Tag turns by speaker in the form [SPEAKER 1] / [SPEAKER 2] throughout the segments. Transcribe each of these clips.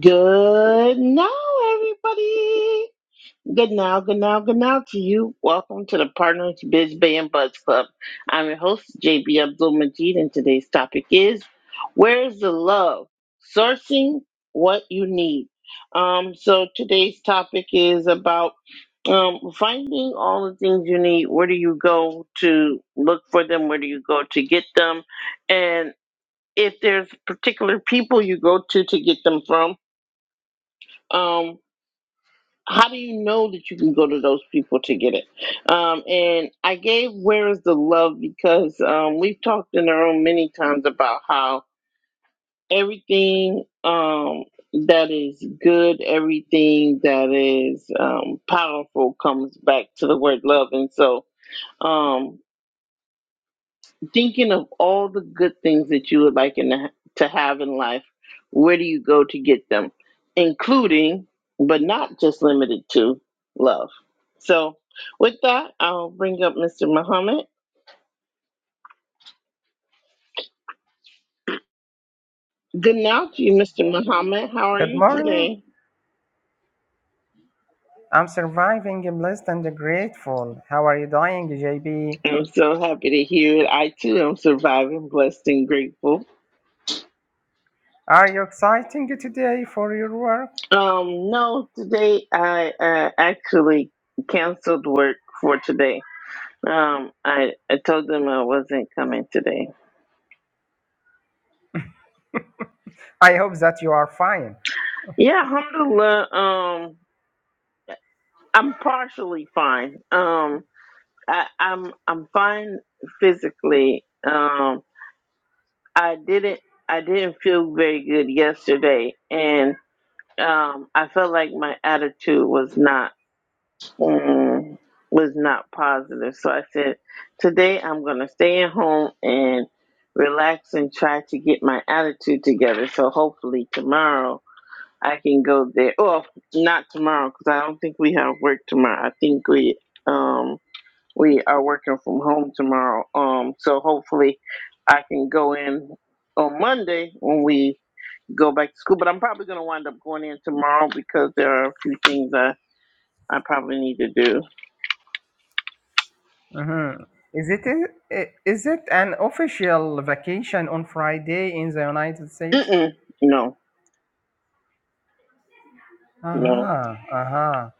[SPEAKER 1] Good now, everybody. Good now, good now, good now to you. Welcome to the Partners Biz Bay and Buzz Club. I'm your host, JB Abdul Majid, and today's topic is Where's the Love? Sourcing What You Need. Um, so today's topic is about um, finding all the things you need. Where do you go to look for them? Where do you go to get them? And if there's particular people you go to to get them from, um, how do you know that you can go to those people to get it? Um, and I gave Where is the Love because um, we've talked in our own many times about how everything um, that is good, everything that is um, powerful comes back to the word love. And so, um, thinking of all the good things that you would like in the, to have in life, where do you go to get them? Including, but not just limited to, love. So, with that, I'll bring up Mr. Muhammad. Good now to you, Mr. Muhammad. How are
[SPEAKER 2] Good
[SPEAKER 1] you
[SPEAKER 2] morning.
[SPEAKER 1] today?
[SPEAKER 2] I'm surviving, blessed, and grateful. How are you doing, JB?
[SPEAKER 1] I'm so happy to hear it. I too am surviving, blessed, and grateful.
[SPEAKER 2] Are you exciting today for your work?
[SPEAKER 1] Um, no, today I uh, actually canceled work for today. Um, I, I told them I wasn't coming today
[SPEAKER 2] I hope that you are fine.
[SPEAKER 1] Yeah, alhamdulillah. Um, I'm partially fine. Um, I, I'm I'm fine physically. Um, I didn't I didn't feel very good yesterday, and um, I felt like my attitude was not um, was not positive. So I said, today I'm gonna stay at home and relax and try to get my attitude together. So hopefully tomorrow I can go there. Well, not tomorrow because I don't think we have work tomorrow. I think we um we are working from home tomorrow. Um, so hopefully I can go in on Monday when we go back to school. But I'm probably gonna wind up going in tomorrow because there are a few things I I probably need to do.
[SPEAKER 2] Mhm. Is it is it an official vacation on Friday in the United States?
[SPEAKER 1] Mm-mm, no, no.
[SPEAKER 2] Uh-huh, uh-huh.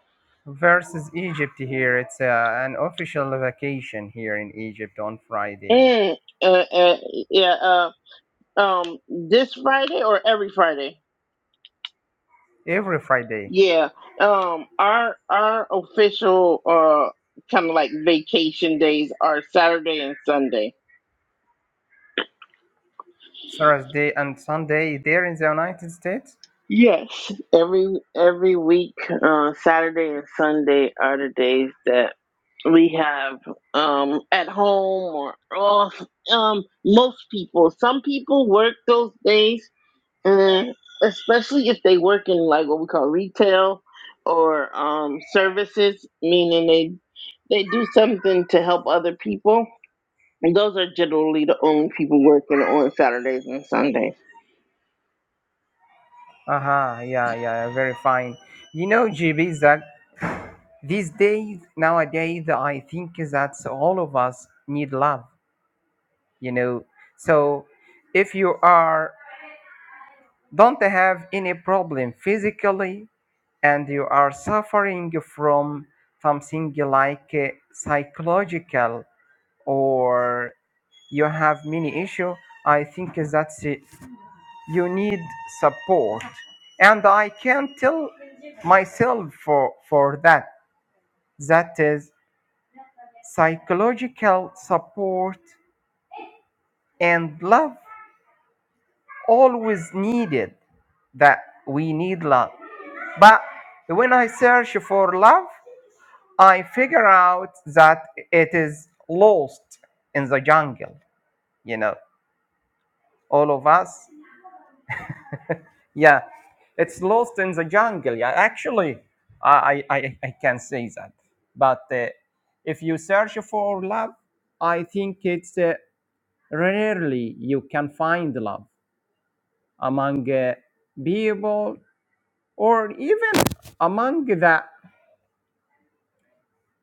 [SPEAKER 2] Versus Egypt here, it's uh, an official vacation here in Egypt on Friday.
[SPEAKER 1] Mm, uh, uh, yeah. Uh, um, this Friday or every Friday?
[SPEAKER 2] Every Friday,
[SPEAKER 1] Yeah. Um our our official uh kind of like vacation days are Saturday and Sunday.
[SPEAKER 2] Thursday and Sunday there in the United States.
[SPEAKER 1] Yes. Every every week, uh Saturday and Sunday are the days that we have um at home or off. Um most people. Some people work those days Mm, especially if they work in like what we call retail or um, services, meaning they they do something to help other people. And those are generally the only people working on Saturdays and Sundays.
[SPEAKER 2] Aha, yeah, yeah, yeah, very fine. You know, GB, is that these days, nowadays, I think that all of us need love, you know. So if you are, don't have any problem physically and you are suffering from something like uh, psychological or you have many issue, I think that's uh, you need support and i can tell myself for for that that is psychological support and love always needed that we need love but when i search for love i figure out that it is lost in the jungle you know all of us Yeah, it's lost in the jungle. Yeah, actually, I I, I I can say that. But uh, if you search for love, I think it's uh, rarely you can find love among uh, people or even among the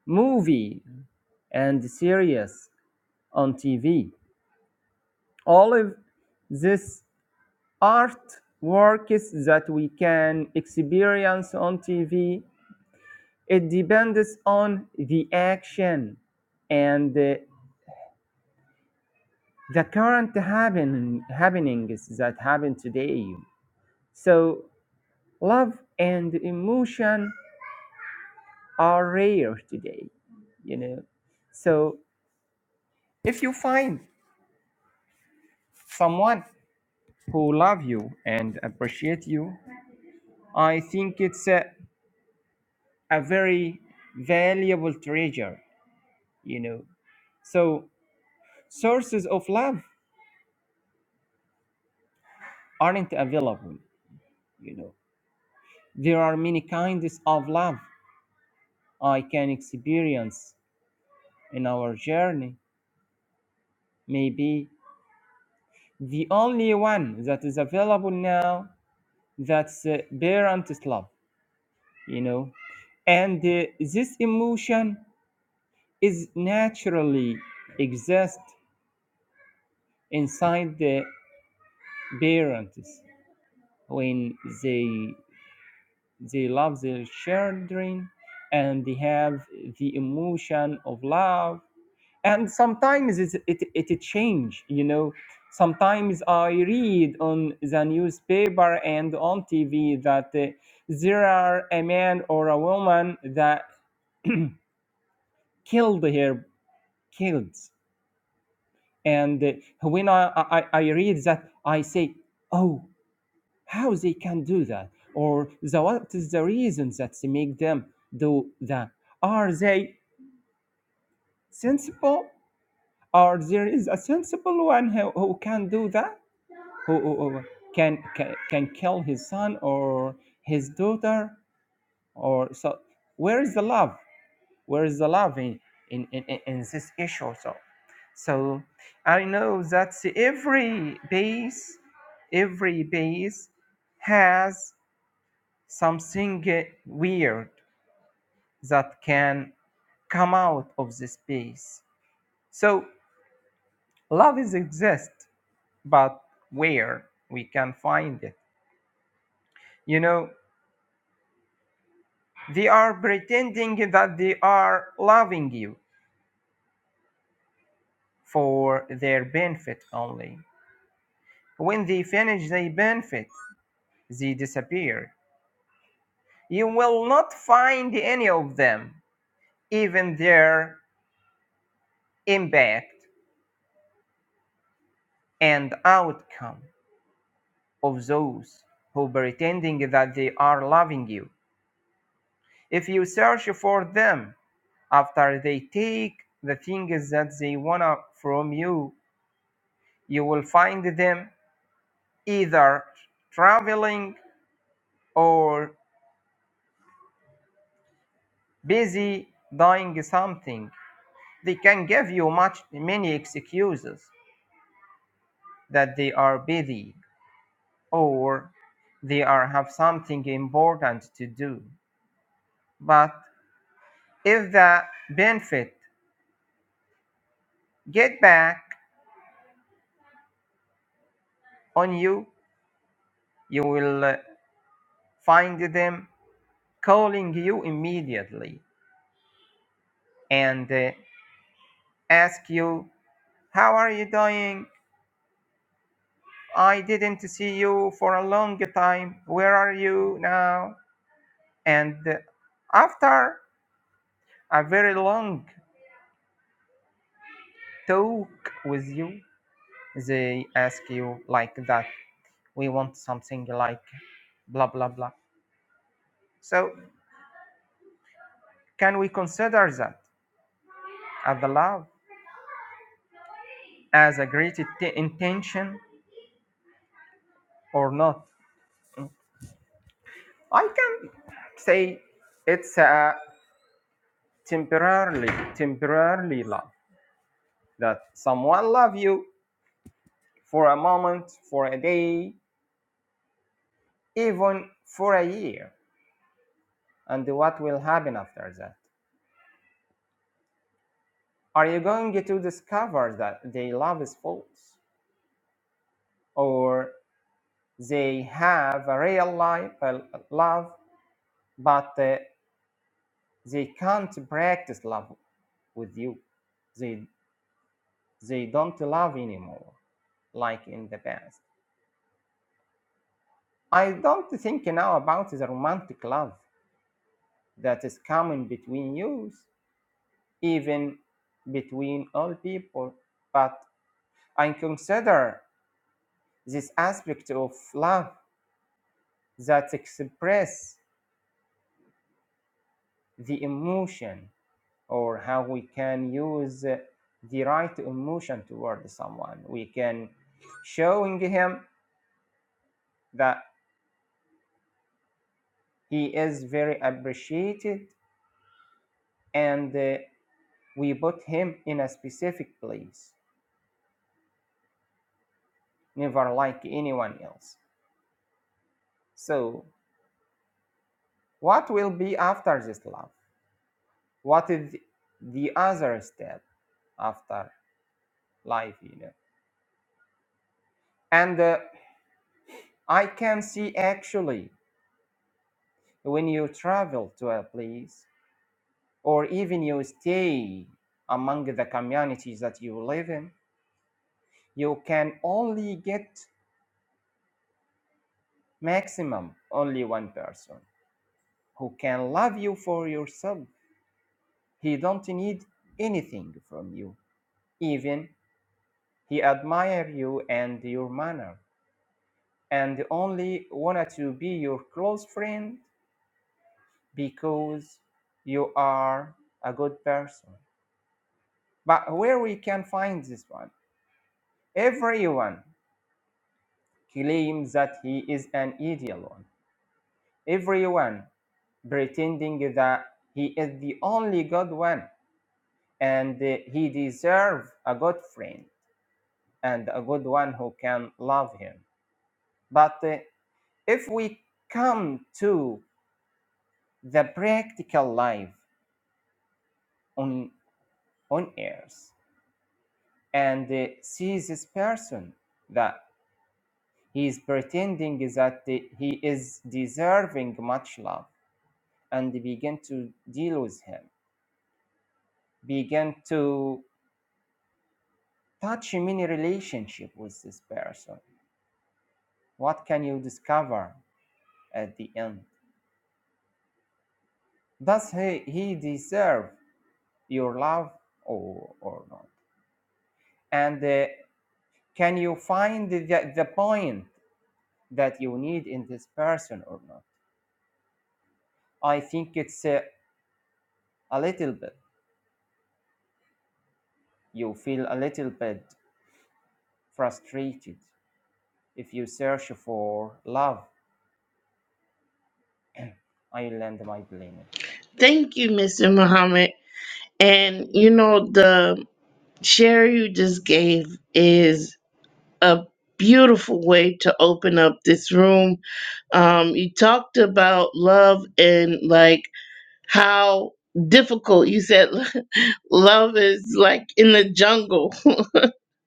[SPEAKER 2] movie and series on TV. All of this art works that we can experience on TV It depends on the action and uh, the current happen- happenings that happen today. So love and emotion are rare today, you know. So if you find someone who love you and appreciate you, I think it's a, a very valuable treasure, you know. So sources of love aren't available, you know There are many kinds of love I can experience in our journey. Maybe the only one that is available now that's uh, parent love, you know. And uh, this emotion is naturally exist inside the parents when they they love their children and they have the emotion of love and sometimes it's, it it change you know sometimes i read on the newspaper and on tv that uh, there are a man or a woman that killed her kids and uh, when I, I i read that i say oh how they can do that or the, what is the reason that they make them do that are they sensible or there is a sensible one who, who can do that who, who, who can, can can kill his son or his daughter or so where is the love where is the love in in, in, in this issue so so i know that every base every base has something uh, weird that can come out of this base so love is exist but where we can find it you know They are pretending that they are loving you for their benefit only. When they finish their benefit, they disappear. You will not find any of them, even their impact and outcome of those who pretending that they are loving you. If you search for them after they take the things that they want from you, you will find them either traveling or busy doing something. They can give you much many excuses that they are busy or they are have something important to do. But if the benefit get back on you, you will uh, find them calling you immediately and uh, ask you how are you doing I didn't see you for a long time. Where are you now? And after a very long talk with you, they ask you like that. We want something like blah blah blah. So can we consider that as the love as a great int- intention or not? I can say it's a temporarily temporarily love that someone love you for a moment, for a day, even for a year. And what will happen after that? Are you going to discover that their love is false? Or they have a real life, a love, but uh, they can't practice love with you. They, they don't love anymore, like in the past. I don't think now about the romantic love that is coming between you even between all people. But I consider this aspect of love that expresses the emotion or how we can use uh, the right emotion toward someone. We can showing him that he is very appreciated and uh, we put him in a specific place, never like anyone else. So what will be after this love? what is the other step after life you know and uh, i can see actually when you travel to a place or even you stay among the communities that you live in you can only get maximum only one person who can love you for yourself he don't need anything from you even he admire you and your manner and only wanted to be your close friend because you are a good person. But where we can find this one? Everyone claims that he is an ideal one. Everyone pretending that he is the only good one and uh, he deserves a good friend and a good one who can love him. But uh, if we come to the practical life on on earth and uh, sees this person that he is pretending that uh, he is deserving much love and begin to deal with him begin to touch many relationship with this person what can you discover at the end does he, he deserve your love or, or not and uh, can you find the, the point that you need in this person or not i think it's uh, A little bit. You feel a little bit frustrated if you search for love. I land my plane.
[SPEAKER 1] Thank you, Mr. Muhammad. And you know the share you just gave is a beautiful way to open up this room. Um, you talked about love and like how difficult you said love is like in the jungle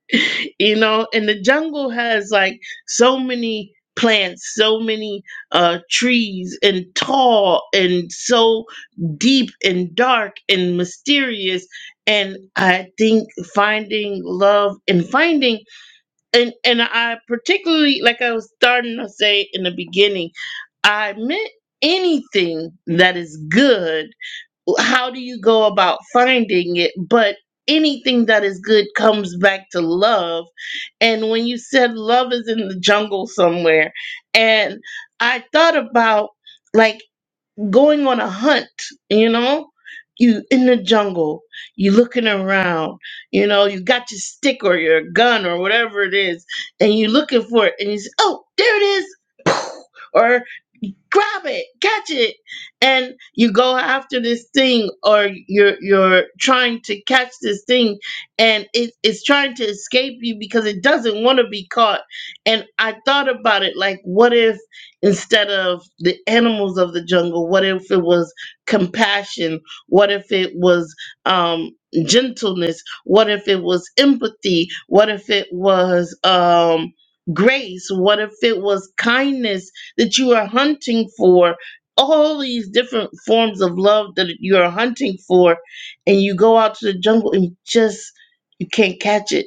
[SPEAKER 1] you know and the jungle has like so many plants so many uh trees and tall and so deep and dark and mysterious and i think finding love and finding and and i particularly like i was starting to say in the beginning i meant anything that is good how do you go about finding it but anything that is good comes back to love and when you said love is in the jungle somewhere and i thought about like going on a hunt you know you in the jungle you looking around you know you got your stick or your gun or whatever it is and you looking for it and you say oh there it is Or grab it, catch it, and you go after this thing, or you're you're trying to catch this thing, and it, it's trying to escape you because it doesn't want to be caught. And I thought about it, like, what if instead of the animals of the jungle, what if it was compassion? What if it was um, gentleness? What if it was empathy? What if it was um, grace? What if it was kindness? that you are hunting for all these different forms of love that you're hunting for and you go out to the jungle and just you can't catch it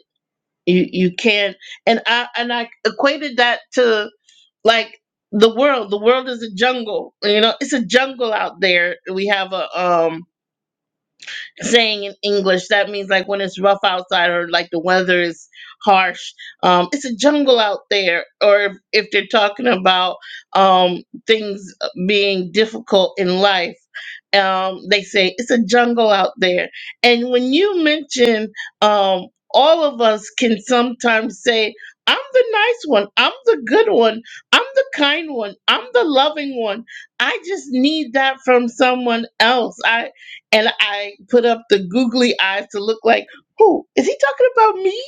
[SPEAKER 1] you you can't and i and i equated that to like the world the world is a jungle you know it's a jungle out there we have a um saying in English. That means like when it's rough outside or like the weather is harsh. Um, it's a jungle out there. Or if, if they're talking about um, things being difficult in life, um, they say it's a jungle out there. And when you mention um, all of us can sometimes say, I'm the nice one. I'm the good one. I'm the kind one. I'm the loving one. I just need that from someone else. I and I put up the googly eyes to look like, who is he talking about me?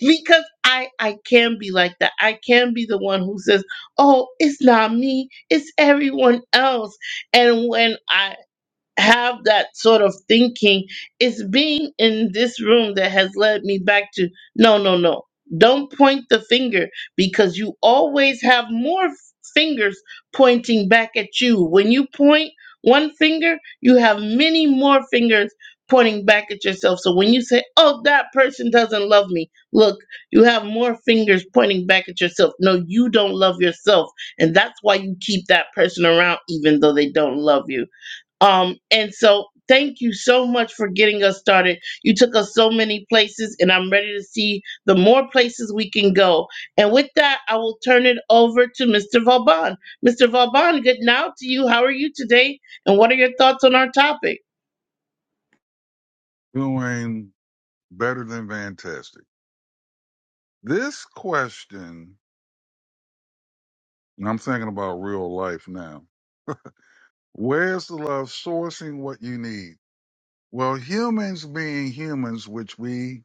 [SPEAKER 1] Because I I can be like that. I can be the one who says, "Oh, it's not me. It's everyone else." And when I have that sort of thinking. It's being in this room that has led me back to no, no, no. Don't point the finger because you always have more f- fingers pointing back at you. When you point one finger, you have many more fingers pointing back at yourself. So when you say, oh, that person doesn't love me, look, you have more fingers pointing back at yourself. No, you don't love yourself. And that's why you keep that person around even though they don't love you um, and so thank you so much for getting us started. You took us so many places, and I'm ready to see the more places we can go. And with that, I will turn it over to Mr. Vauban. Mr. Vauban, good now to you. How are you today? And what are your thoughts on our topic?
[SPEAKER 3] doing better than fantastic. This question, and I'm thinking about real life now. Where's the love sourcing what you need? Well, humans being humans, which we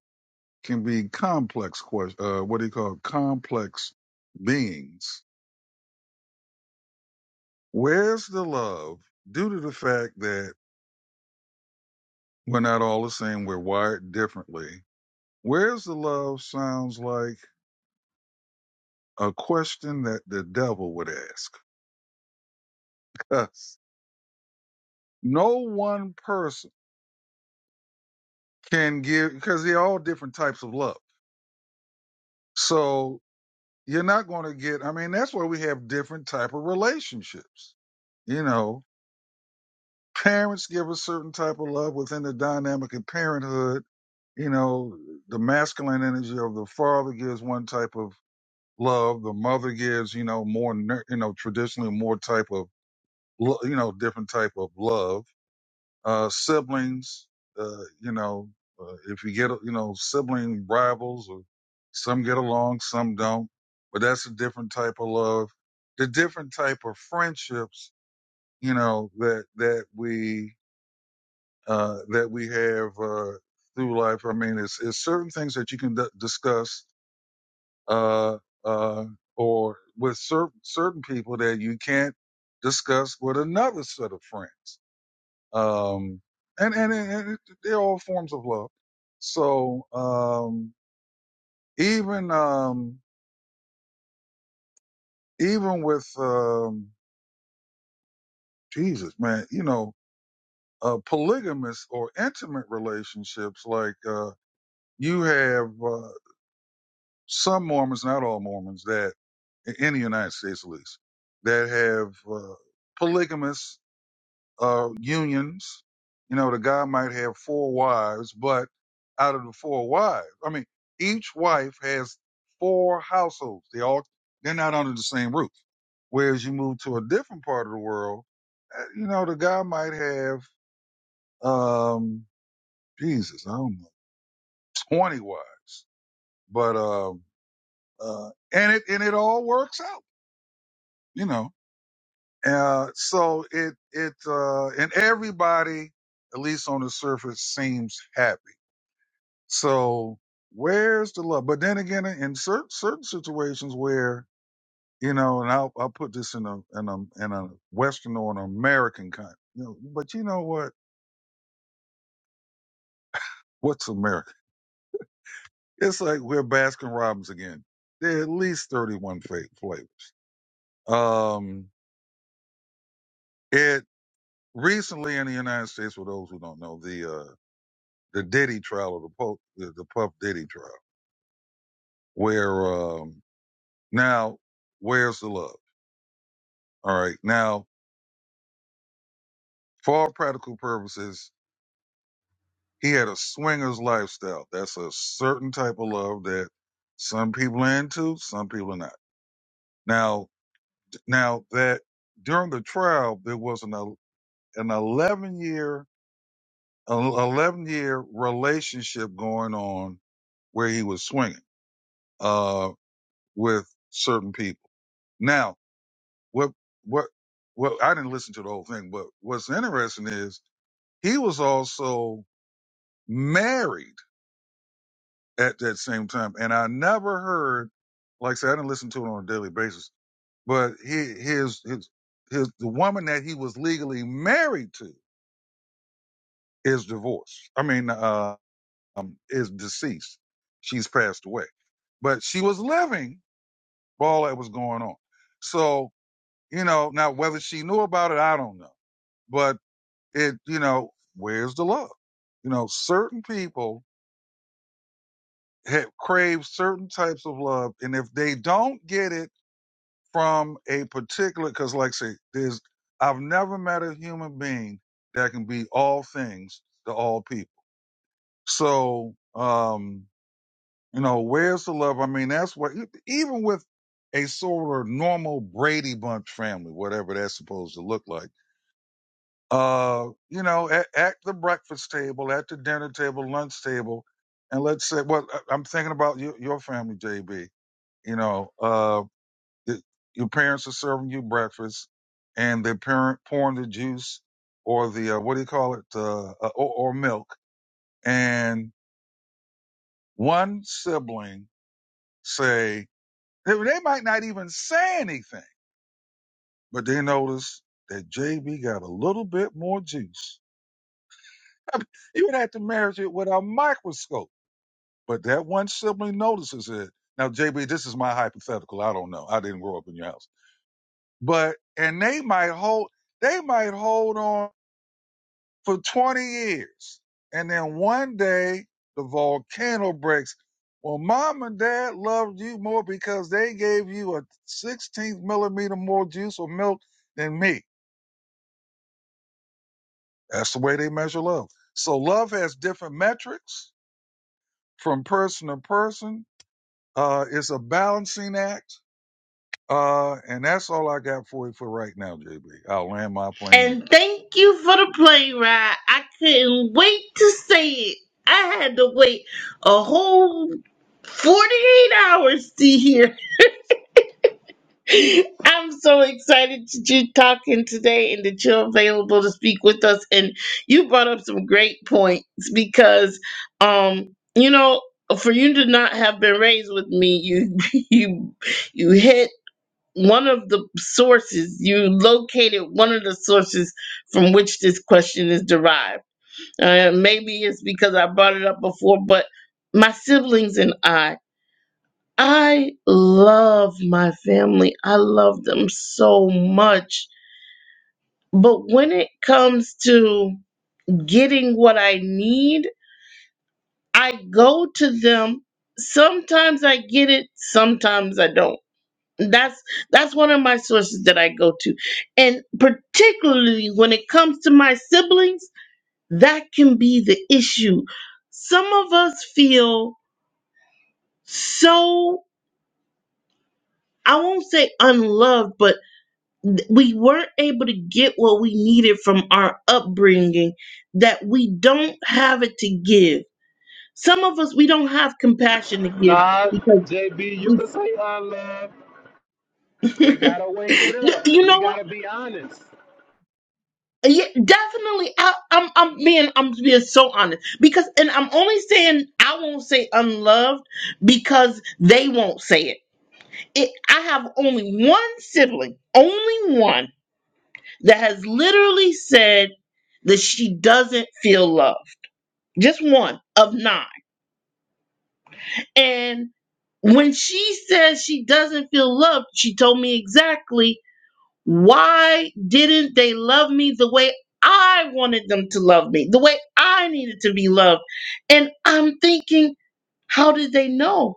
[SPEAKER 3] can be complex, ques- uh, what do you call it? complex beings. Where's the love due to the fact that we're not all the same, we're wired differently? Where's the love sounds like a question that the devil would ask. no one person can give because they're all different types of love so you're not going to get i mean that's why we have different type of relationships you know parents give a certain type of love within the dynamic of parenthood you know the masculine energy of the father gives one type of love the mother gives you know more nur- you know traditionally more type of lo- you know different type of love uh, siblings, uh, you know, uh, if you get, you know, sibling rivals or some get along, some don't, but that's a different type of love. The different type of friendships, you know, that, that we, uh, that we have, uh, through life. I mean, it's, it's certain things that you can d- discuss, uh, uh, or with cer- certain people that you can't discuss with another set of friends um, and and, and it, they're all forms of love. So um, even um, even with um, Jesus, man, you know, uh, polygamous or intimate relationships, like uh, you have uh, some Mormons, not all Mormons, that in the United States at least, that have uh, polygamous uh, unions. You know, the guy might have four wives, but out of the four wives, I mean, each wife has four households. They all they're not under the same roof. Whereas you move to a different part of the world, uh, you know, the guy might have um, Jesus, I don't know, twenty wives, but um, uh, and it and it all works out. You know, uh, so it it uh, and everybody, at least on the surface, seems happy So where's the love? But then again, in certain certain situations where you know, and I'll I'll put this in a in a in a Western or an American kind, you know. But you know what? What's America? It's like we're Baskin Robbins again. There are at least thirty one flavors. Um, it recently in the United States, for those who don't know, the uh the Diddy trial or the Pope, the, the Puff Diddy trial, where um now where's the love? All right, now For all practical purposes, he had a swingers lifestyle. That's a certain type of love that some people are into, some people are not. Now, now that during the trial, there was an el- an 11 year, an 11 year relationship going on where he was swinging, uh, with certain people. Now, what, what, well, I didn't listen to the whole thing, but what's interesting is he was also married at that same time. And I never heard, like I said, I didn't listen to it on a daily basis, but his, his, his, his the woman that he was legally married to is divorced. I mean, uh, um, is deceased. She's passed away, but she was living for all that was going on. So, you know, now whether she knew about it, I don't know, but it, you know, where's the love? You know, certain people have, crave certain types of love. And if they don't get it, from a particular because like I say there's i've never met a human being that can be all things to all people so um you know where's the love i mean that's what e, even with a sort of normal brady bunch family whatever that's supposed to look like uh you know at, at the breakfast table at the dinner table lunch table and let's say well I- i'm thinking about your, your family jb you know uh, Th- Your parents are serving you breakfast, and they're parent pouring the juice or the uh, what do you call it, uh, uh, or, or milk. And one sibling say they they might not even say anything, but they notice that JB got a little bit more juice. I mean, you would have to measure it with a microscope, but that one sibling notices it. Now, JB, this is my hypothetical. I don't know. I didn't grow up in your house, but and they might hold they might hold on for 20 years. And then one day the volcano breaks. Well, mom and dad loved you more because they gave you a 16th millimeter more juice or milk than me. That's the way they measure love. So love has different metrics from person to person. Uh, it's a balancing act. Uh, and that's all I got for you for right now, JB. I'll land my plane there.
[SPEAKER 1] And thank you for the plane ride. I couldn't wait to say it. I had to wait a whole 48 hours to hear I'm so excited that you're talking today and that you're available to speak with us. And you brought up some great points because, um, you know, for you to not have been raised with me, you you you hit one of the sources. You located one of the sources from which this question is derived. Uh, maybe it's because I brought it up before, but my siblings and I. I love my family. I love them so much. But when it comes to getting what I need, I go to them. Sometimes I get it, sometimes I don't. That's that's one of my sources that I go to. And particularly when it comes to my siblings, that can be the issue. Some of us feel so I won't say unloved, but th- we weren't able to get what we needed from our upbringing that we don't have it to give some of us we don't have compassion to give
[SPEAKER 4] Nah,
[SPEAKER 1] because
[SPEAKER 4] JB, you
[SPEAKER 1] we
[SPEAKER 4] can say unloved. We gotta wake it
[SPEAKER 1] you
[SPEAKER 4] up. We
[SPEAKER 1] know what
[SPEAKER 4] gotta be honest.
[SPEAKER 1] yeah, definitely I, i'm i'm being i'm being so honest because and i'm only saying i won't say unloved because they won't say it, it i have only one sibling only one that has literally said that she doesn't feel loved just one of nine. And when she says she doesn't feel loved, she told me exactly why didn't they love me the way I wanted them to love me, the way I needed to be loved. And I'm thinking, how did they know?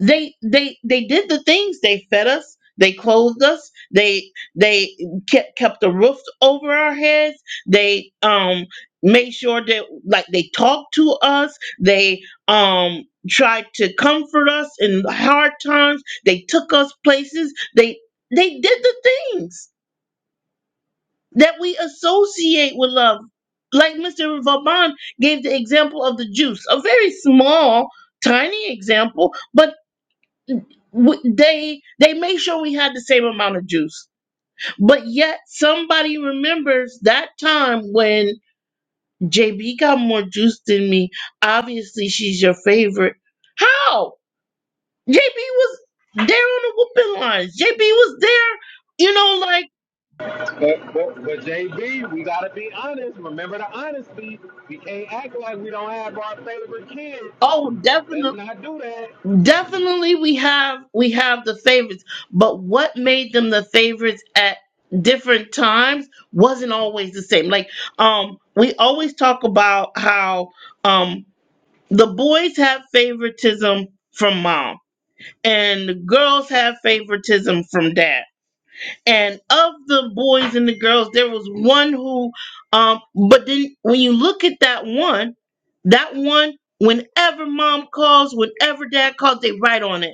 [SPEAKER 1] they they they did the things they fed us they clothed us they they kept kept the roof over our heads they um made sure that like they talked to us they um tried to comfort us in hard times they took us places they they did the things that we associate with love like mr vauban gave the example of the juice a very small tiny example but w- they they made sure we had the same amount of juice but yet somebody remembers that time when jb got more juice than me obviously she's your favorite how jb was there on the whooping lines jb was there you know like
[SPEAKER 4] But, but but JB, we gotta be honest. Remember the honesty. We can't act like we don't have our favorite kids.
[SPEAKER 1] oh definitely
[SPEAKER 4] Let's not do that.
[SPEAKER 1] definitely we have we have the favorites but what made them the favorites at different times wasn't always the same like um we always talk about how um the boys have favoritism from mom and the girls have favoritism from dad and of the boys and the girls there was one who um but then when you look at that one that one whenever mom calls whenever dad calls they write on it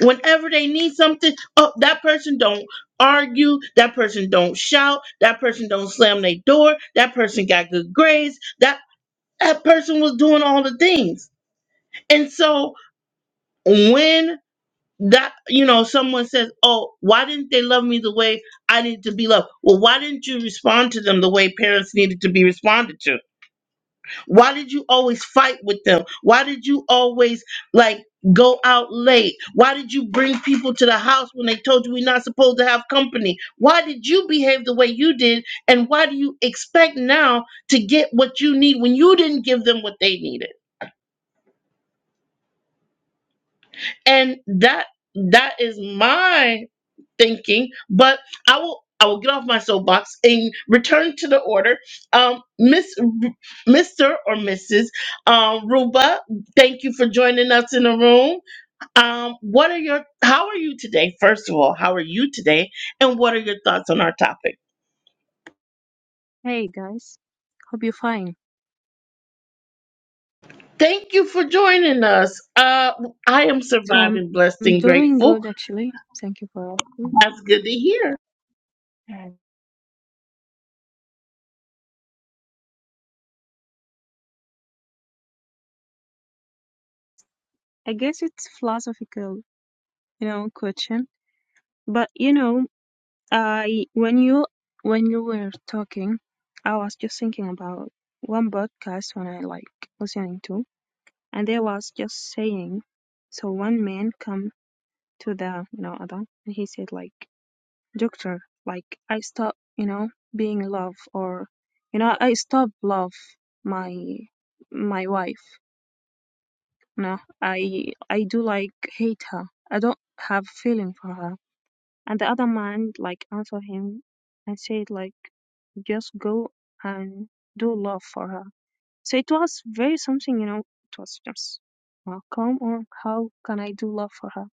[SPEAKER 1] whenever they need something oh that person don't argue that person don't shout that person don't slam their door that person got good grades that that person was doing all the things and so when that you know someone says oh why didn't they love me the way i needed to be loved well why didn't you respond to them the way parents needed to be responded to why did you always fight with them? Why did you always like go out late? Why did you bring people to the house when they told you we're not supposed to have company? Why did you behave the way you did? And why do you expect now to get what you need when you didn't give them what they needed? And that that is my. thinking, but I will I will get off my soapbox and return to the order. Um, Miss Mr. or Mrs. Um, Ruba, thank you for joining us in the room. Um, what are your how are you today? First of all, how are you today? And what are your thoughts on our topic?
[SPEAKER 5] Hey guys, hope you're fine.
[SPEAKER 1] Thank you for joining us. Uh, I am
[SPEAKER 5] So I'm,
[SPEAKER 1] surviving, blessed,
[SPEAKER 5] I'm
[SPEAKER 1] and
[SPEAKER 5] doing
[SPEAKER 1] grateful.
[SPEAKER 5] good actually. Thank you for asking.
[SPEAKER 1] That's good to hear.
[SPEAKER 5] And I guess it's philosophical, you know, question. But you know, I when you when you were talking, I was just thinking about one podcast when I like listening to, and they was just saying, so one man come to the you know other, and he said like. doctor like i stop you know being in love or you know i stop love my my wife you know i i do like hate her i don't have feeling for her and the other man like answer him and said like just go and do love for her so it was very something you know it was just well come on how can i do love for her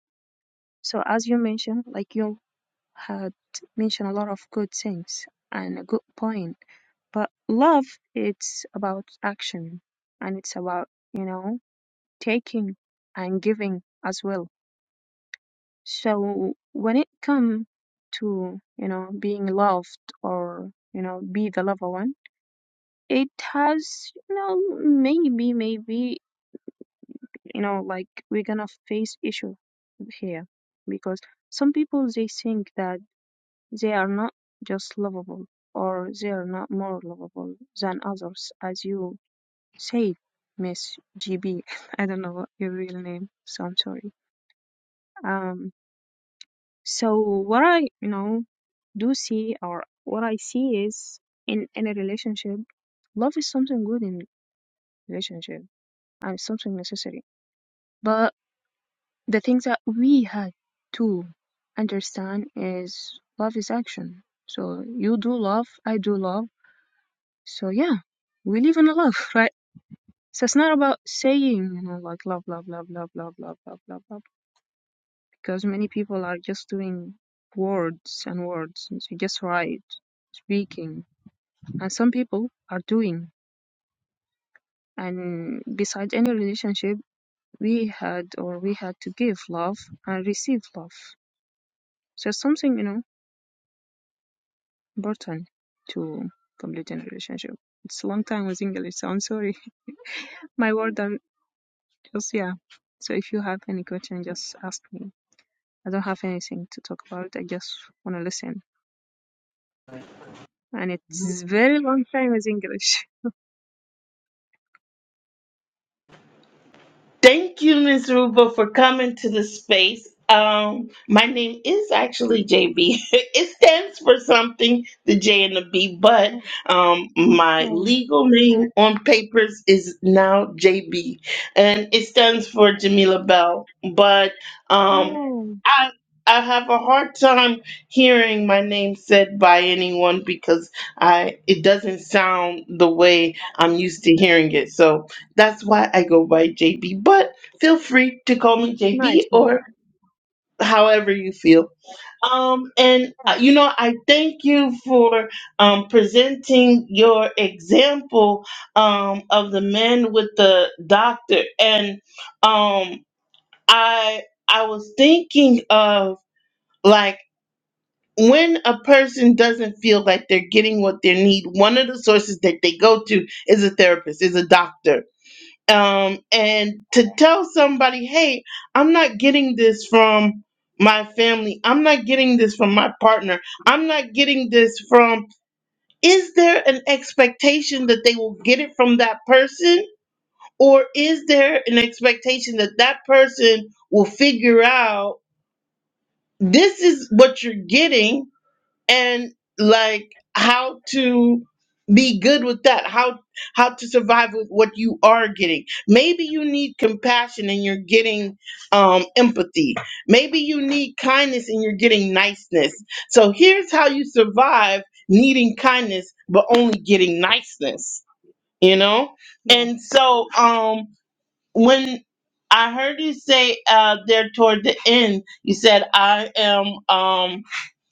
[SPEAKER 5] so as you mentioned like you had mentioned a lot of good things and a good point. But love, it's about action and it's about, you know, taking and giving as well. So when it comes to, you know, being loved or, you know, be the lover one, it has, you know, maybe, maybe, you know, like we're gonna face issue here because some people they think that They are not just lovable, or they're not more lovable than others, as you said, Miss GB. I don't know your real name, so I'm sorry. Um, so what I, you know, do see or what I see is in in a relationship, love is something good in relationship and something necessary. But the things that we had to understand is love is action. So you do love, I do love So yeah, we live in love, right? So it's not about saying, you know, like love, love, love, love, love, love, love, love, love, because many people are just doing words and words, and so just write, speaking, and some people are doing. And besides any relationship, we had or we had to give love and receive love. So it's something, you know, important to complete a relationship. It's a long time with English, so I'm sorry. My word Just yeah. So if you have any question, just ask me. I don't have anything to talk about. I just want to listen, and it's very long time with English.
[SPEAKER 1] Thank you, Miss Ruba, for coming to the space. Um, my name is actually JB. it stands for something, the J and the B, but um, my
[SPEAKER 5] Oh,
[SPEAKER 1] legal name on papers is now JB, and it stands for Jamila Bell. But um,
[SPEAKER 5] oh,
[SPEAKER 1] I I have a hard time hearing my name said by anyone because I it doesn't sound the way I'm used to hearing it. So that's why I go by JB, but feel free to call me JB
[SPEAKER 5] nice man.
[SPEAKER 1] or however you feel. Um, and
[SPEAKER 5] Yeah,
[SPEAKER 1] uh, you know, I thank you for um, presenting your example um, of the men with the doctor. And um, I I was thinking of like when a person doesn't feel like they're getting what they need, one of the sources that they go to is a therapist, is a doctor um, and to tell somebody, hey, I'm not getting this from my family. I'm not getting this from my partner. I'm not getting this from. Is there an expectation that they will get it from that person? Or is there an expectation that that person will figure out this is what you're getting? and like how to be good with that how how to survive with what you are getting maybe you need compassion and you're getting um empathy maybe you need kindness and you're getting niceness so here's how you survive needing kindness but only getting niceness you know
[SPEAKER 5] yeah.
[SPEAKER 1] and so um when i heard you say uh there toward the end you said i am um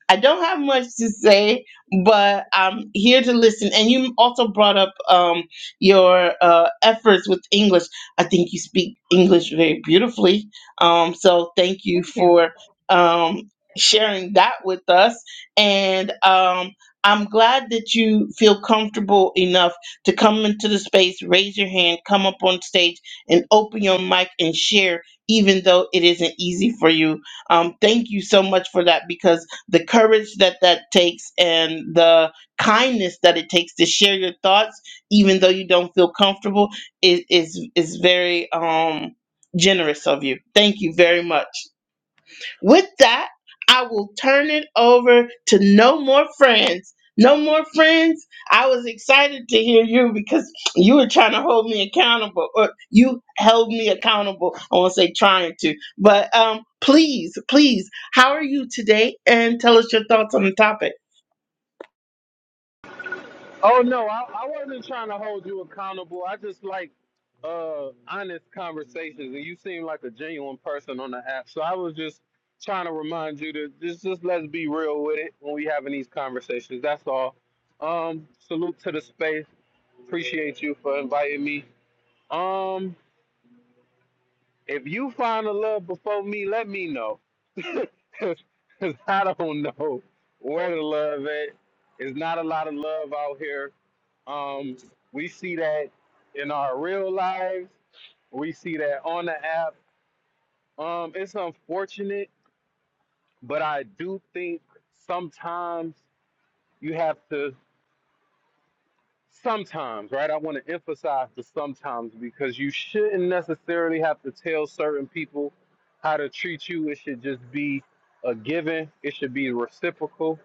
[SPEAKER 1] I don't have much to say, but I'm here to listen. And you also brought up um, your uh, efforts with English. I think you speak English very beautifully. Um, so thank you
[SPEAKER 5] Thank you.
[SPEAKER 1] for um, sharing that with us. And um, I'm glad that you feel comfortable enough to come into the space, raise your hand, come up on stage, and open your mic and share, even though it isn't easy for you. Um, thank you so much for that because the courage that that takes and the kindness that it takes to share your thoughts even though you don't feel comfortable is is is very um generous of you thank you very much with that, I will turn it over to No More Friends. No More Friends, I was excited to hear you because you were trying to hold me accountable, or you held me accountable. I won't say trying to, but um, please, please, how are you today? And tell us your thoughts on the topic.
[SPEAKER 4] Oh no, I, I wasn't trying to hold you accountable. I just like uh honest conversations and you seem like a genuine person on the app. So I was just trying to remind you to just just let's be real with it when we having these conversations. That's all. Um salute to the space. Appreciate you for inviting me. Um if you find a love before me, let me know. 'Cause I don't know where the love at. There's not a lot of love out here. Um, we see that in our real lives. We see that on the app. Um, it's unfortunate, but I do think sometimes you have to. sometimes, right? I want to emphasize the sometimes because you shouldn't necessarily have to tell certain people how to treat you. It should just be a given. It should be reciprocal.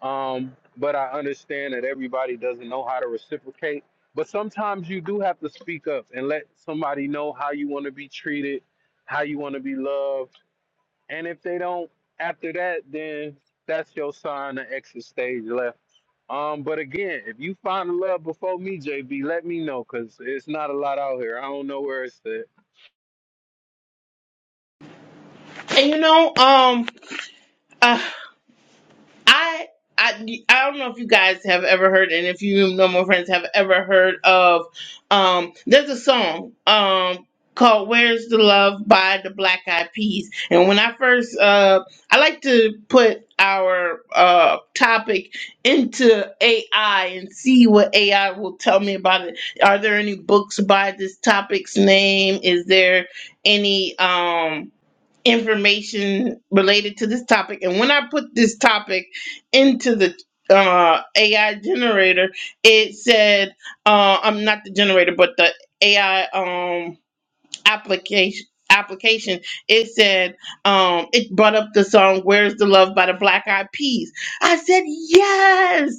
[SPEAKER 4] Um, but I understand that everybody doesn't know how to reciprocate. But sometimes you do have to speak up and let somebody know how you want to be treated, how you want to be loved and if they don't after that, then that's your sign to exit stage left. Um, but again, if you find the love before me, JB, let me know because it's not a lot out here. I don't know where it's at.
[SPEAKER 1] And you know, um, uh, I I I don't know if you guys have ever heard, and if you know my friends have ever heard of, um, there's a song um called "Where's the Love" by the Black Eyed Peas. And when I first, uh, I like to put our uh topic into AI and see what AI will tell me about it. Are there any books by this topic's name? Is there any um? information related to this topic. And when I put this topic into the uh, AI generator, it said, uh, "I'm not the generator, but the AI um, application." application it said um it brought up the song where's the love by the black eyed peas i said yes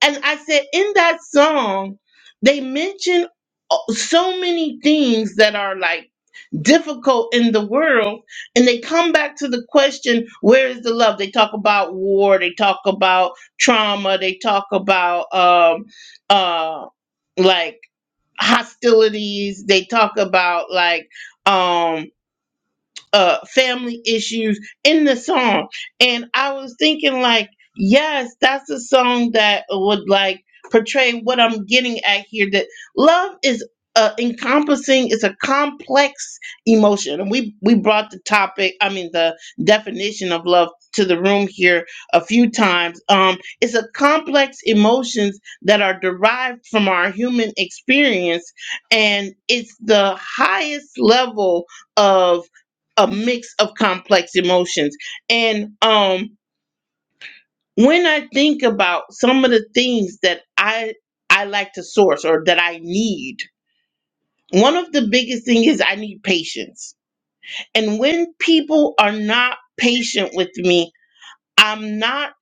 [SPEAKER 1] and i said in that song they mention uh, so many things that are like difficult in the world and they come back to the question where is the love they talk about war they talk about trauma they talk about um uh like hostilities they talk about like um uh, family issues in the song. And I was thinking, like, yes, that's a song that would like portray what I'm getting at here that love is. Uh, encompassing It's a complex emotion and we we brought the topic i mean the definition of love to the room here a few times um it's a complex emotions that are derived from our human experience and it's the highest level of a mix of complex emotions. And um when I think about some of the things that I I like to source or that I need, one of the biggest thing is I need patience. And when people are not patient with me, I'm not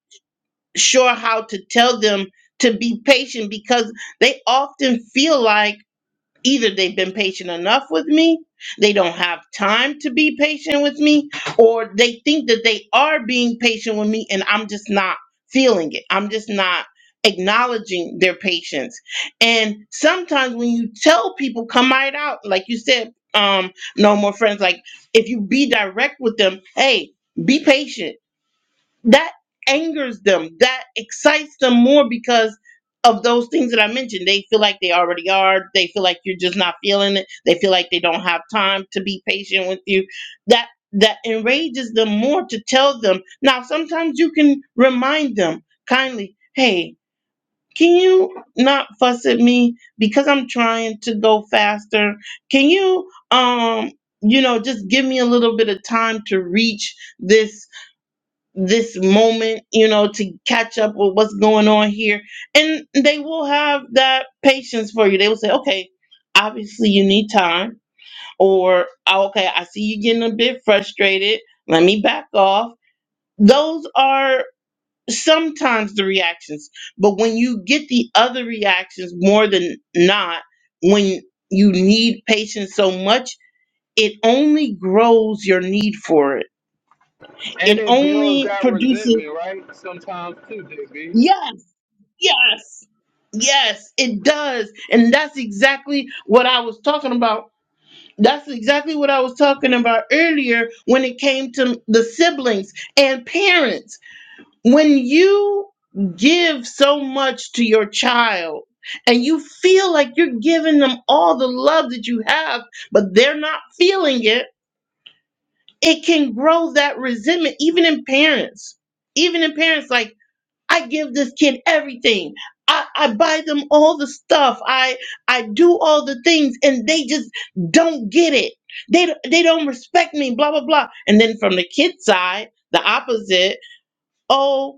[SPEAKER 1] sure how to tell them to be patient because they often feel like either they've been patient enough with me, they don't have time to be patient with me, or they think that they are being patient with me and I'm just not feeling it. I'm just not acknowledging their patience. And sometimes when you tell people, come right out, like you said, um, no more friends, like if you be direct with them, hey, be patient that angers them that excites them more because of those things that i mentioned they feel like they already are they feel like you're just not feeling it they feel like they don't have time to be patient with you that that enrages them more to tell them now sometimes you can remind them kindly hey can you not fuss at me because i'm trying to go faster can you um you know just give me a little bit of time to reach this this moment, you know, to catch up with what's going on here. And they will have that patience for you. They will say, okay, obviously you need time, or "Oh, okay, I see you getting a bit frustrated. Let me back off. Those are sometimes the reactions. But when you get the other reactions more than not, when you need patience so much, it only grows your need for it.
[SPEAKER 4] And
[SPEAKER 1] It
[SPEAKER 4] it builds
[SPEAKER 1] only
[SPEAKER 4] that
[SPEAKER 1] produces,
[SPEAKER 4] resentment, right? Sometimes too, JB.
[SPEAKER 1] yeah Yes. Yes, it does. And that's exactly what I was talking about. That's exactly what I was talking about earlier when it came to the siblings and parents. When you give so much to your child and you feel like you're giving them all the love that you have, but they're not feeling it, it can grow that resentment, even in parents. Even in parents, like I give this kid everything. I, I buy them all the stuff. I I do all the things and they just don't get it. They they don't respect me, blah blah blah. And then from the kid's side, the opposite. Oh,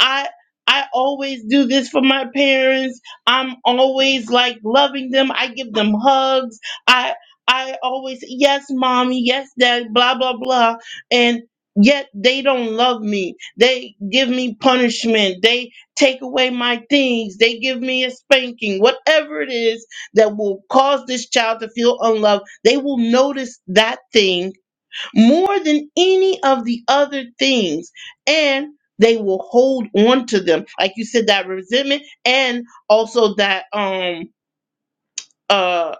[SPEAKER 1] I I always do this for my parents. I'm always like loving them. I give them hugs. I I always yes, mommy, yes, dad, blah blah blah. And yet they don't love me. They give me punishment. They take away my things. They give me a spanking. Whatever it is that will cause this child to feel unloved, they will notice that thing more than any of the other things and they will hold on to them like you said that resentment and also that um uh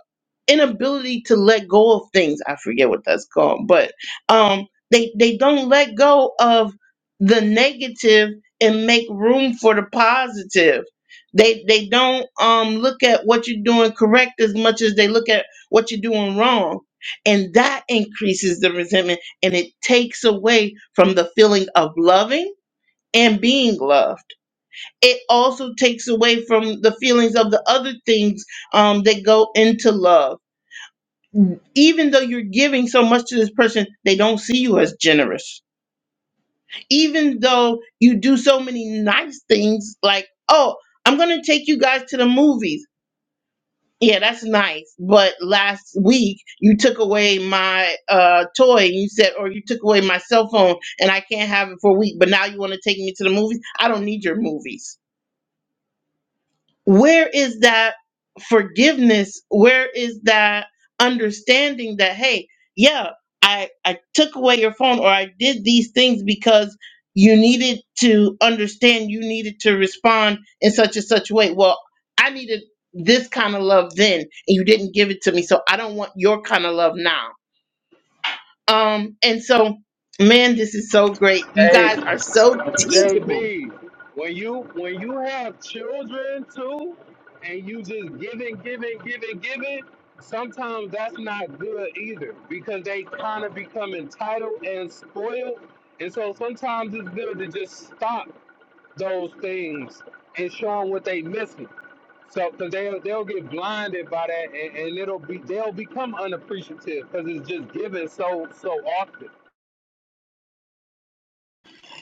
[SPEAKER 1] inability to let go of things. I forget what that's called, but um, they they don't let go of the negative and make room for the positive. They they don't um look at what you're doing correct as much as they look at what you're doing wrong. And that increases the resentment and it takes away from the feeling of loving and being loved. It also takes away from the feelings of the other things um, that go into love even though you're giving so much to this person, they don't see you as generous. Even though you do so many nice things, like, oh, I'm going to take you guys to the movies. Yeah, that's nice. But last week, you took away my uh, toy and you said, or you took away my cell phone and I can't have it for a week, but now you want to take me to the movies? I don't need your movies where is that forgiveness where is that understanding that hey yeah i i took away your phone or i did these things because you needed to understand you needed to respond in such and such a way well i needed this kind of love then and you didn't give it to me so i don't want your kind of love now um and so man this is so great you
[SPEAKER 4] Hey,
[SPEAKER 1] guys are so teachable
[SPEAKER 4] JB, when you when you have children too, and you just giving, giving, giving, giving, sometimes that's not good either because they kind of become entitled and spoiled, and so sometimes it's good to just stop those things and show them what they missing. So, because they'll they'll get blinded by that, and, and it'll be they'll become unappreciative because it's just given so so often.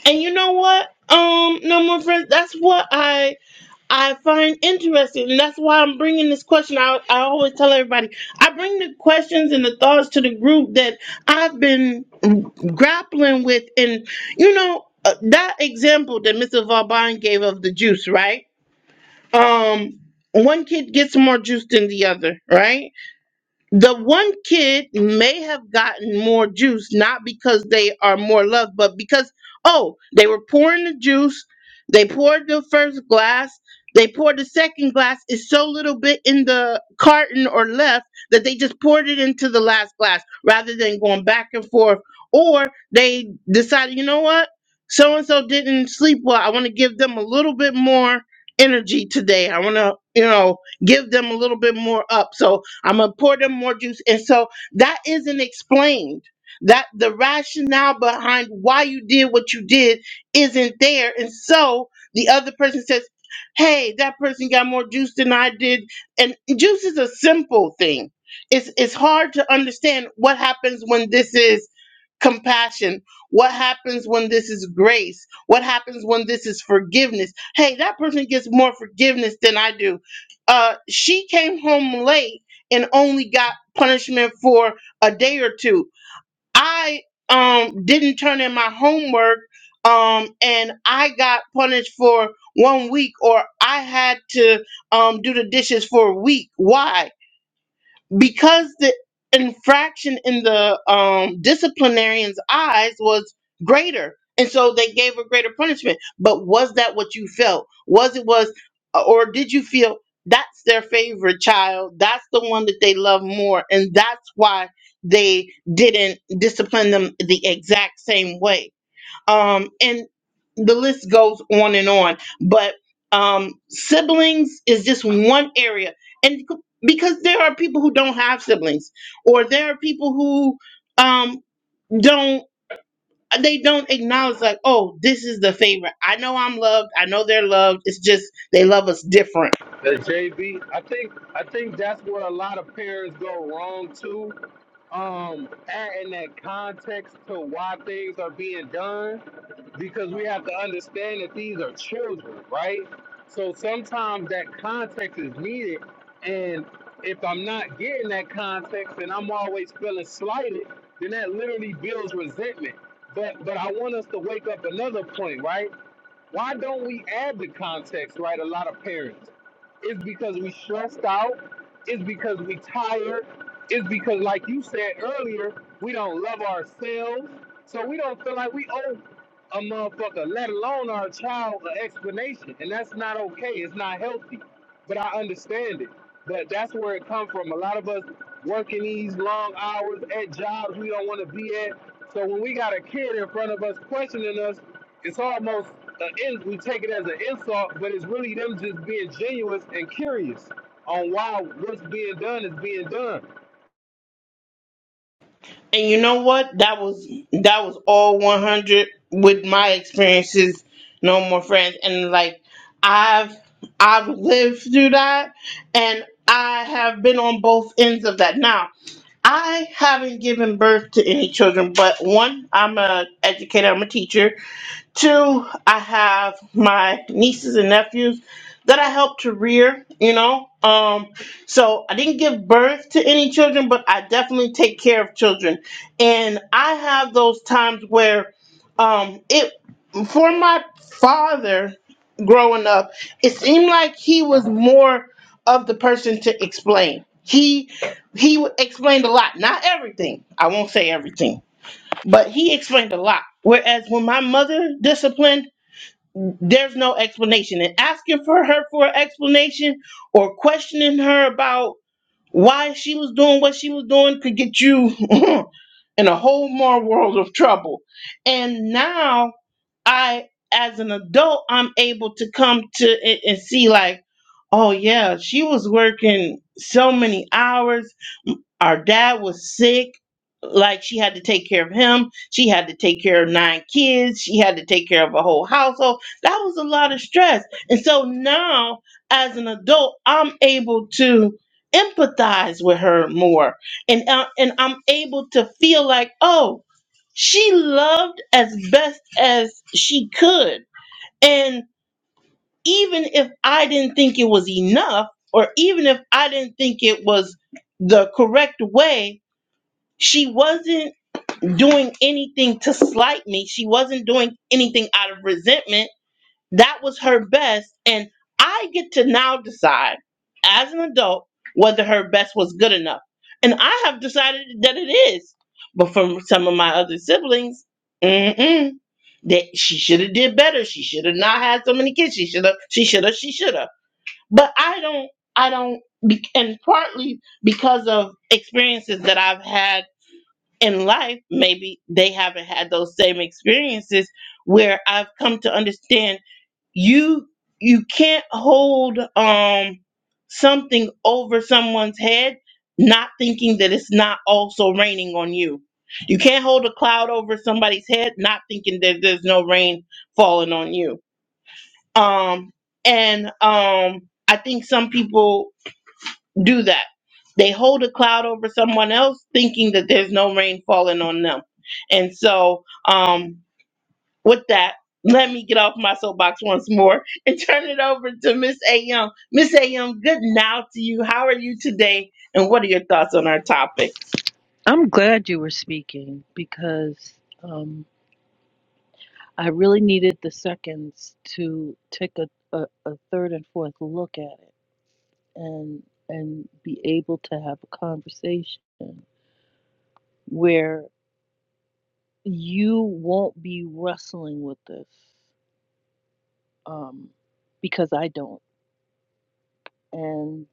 [SPEAKER 1] and you know what um no more friends that's what i I find interesting, and that's why I'm bringing this question. I, I always tell everybody I bring the questions and the thoughts to the group that I've been grappling with, and you know uh, that example that Mr. Vauban gave of the juice, right? Um, one kid gets more juice than the other, right? the one kid may have gotten more juice not because they are more loved but because oh they were pouring the juice they poured the first glass they poured the second glass is so little bit in the carton or left that they just poured it into the last glass rather than going back and forth or they decided you know what so and so didn't sleep well i want to give them a little bit more energy today i want to you know give them a little bit more up so I'm gonna pour them more juice. And so that isn't explained. That the rationale behind why you did what you did isn't there. And so the other person says, Hey, that person got more juice than I did. And juice is a simple thing. It's it's hard to understand what happens when this is compassion? What happens when this is grace? What happens when this is forgiveness? Hey, that person gets more forgiveness than I do. Uh, she came home late and only got punishment for a day or two. I um, didn't turn in my homework um, and I got punished for one week, or I had to um, do the dishes for a week. Why? because the infraction in the um, disciplinarian's eyes was greater and so they gave a greater punishment but was that what you felt was it was or did you feel that's their favorite child that's the one that they love more and that's why they didn't discipline them the exact same way um, and the list goes on and on. But um, siblings is just one area, and c- because there are people who don't have siblings, or there are people who um, don't they don't acknowledge like, oh, this is the favorite. I know I'm loved. I know they're loved. It's just they love us different.
[SPEAKER 4] The JV. I think I think that's where a lot of pairs go wrong too. Um, adding that context to why things are being done, because we have to understand that these are children, right? So sometimes that context is needed, and if I'm not getting that context, and I'm always feeling slighted, then that literally builds resentment. But but I want us to wake up another point, right? Why don't we add the context, right? A lot of parents. It's because we stressed out. It's because we tired. It's because, like you said earlier, we don't love ourselves. So we don't feel like we owe a motherfucker, let alone our child, an explanation. And that's not okay. It's not healthy. But I understand it. But that's where it comes from. A lot of us working these long hours at jobs we don't want to be at. So when we got a kid in front of us questioning us, it's almost an we take it as an insult, but it's really them just being genuine and curious on why what's being done is being done.
[SPEAKER 1] And you know what? That was that was all 100 with my experiences. No more friends, and like I've I've lived through that, and I have been on both ends of that. Now I haven't given birth to any children, but one, I'm a educator, I'm a teacher, Two, I have my nieces and nephews that I helped to rear, you know. Um, so I didn't give birth to any children, but I definitely take care of children. And I have those times where um it for my father growing up, it seemed like he was more of the person to explain. He he explained a lot, not everything. I won't say everything but he explained a lot. Whereas when my mother disciplined, there's no explanation. And asking for her for an explanation or questioning her about why she was doing what she was doing could get you in a whole more world of trouble. And now I, as an adult, I'm able to come to it and see like, oh yeah, she was working so many hours our dad was sick like she had to take care of him she had to take care of nine kids she had to take care of a whole household that was a lot of stress and so now as an adult i'm able to empathize with her more and uh, and i'm able to feel like oh she loved as best as she could and even if i didn't think it was enough or even if i didn't think it was the correct way she wasn't doing anything to slight me. She wasn't doing anything out of resentment. That was her best. And I get to now decide as an adult whether her best was good enough. And I have decided that it is. But from some of my other siblings, mm-mm, that she should have did better. She should have not had so many kids. She should have, she should have, she should have. But I don't, I don't, be- and partly because of experiences that I've had in life, maybe they haven't had those same experiences where I've come to understand you you can't hold um something over someone's head not thinking that it's not also raining on you. You can't hold a cloud over somebody's head not thinking that there's no rain falling on you. Um and um I think some people do that. They hold a cloud over someone else thinking that there's no rain falling on them. And so, um, with that, let me get off my soapbox once more and turn it over to Miss A. Young. Miss A. Young, good now to you. How are you today? And what are your thoughts on our topic?
[SPEAKER 6] I'm glad you were speaking because um, I really needed the seconds to take a, a, a third and fourth look at it and and be able to have a conversation where you won't be wrestling with this um, because I don't and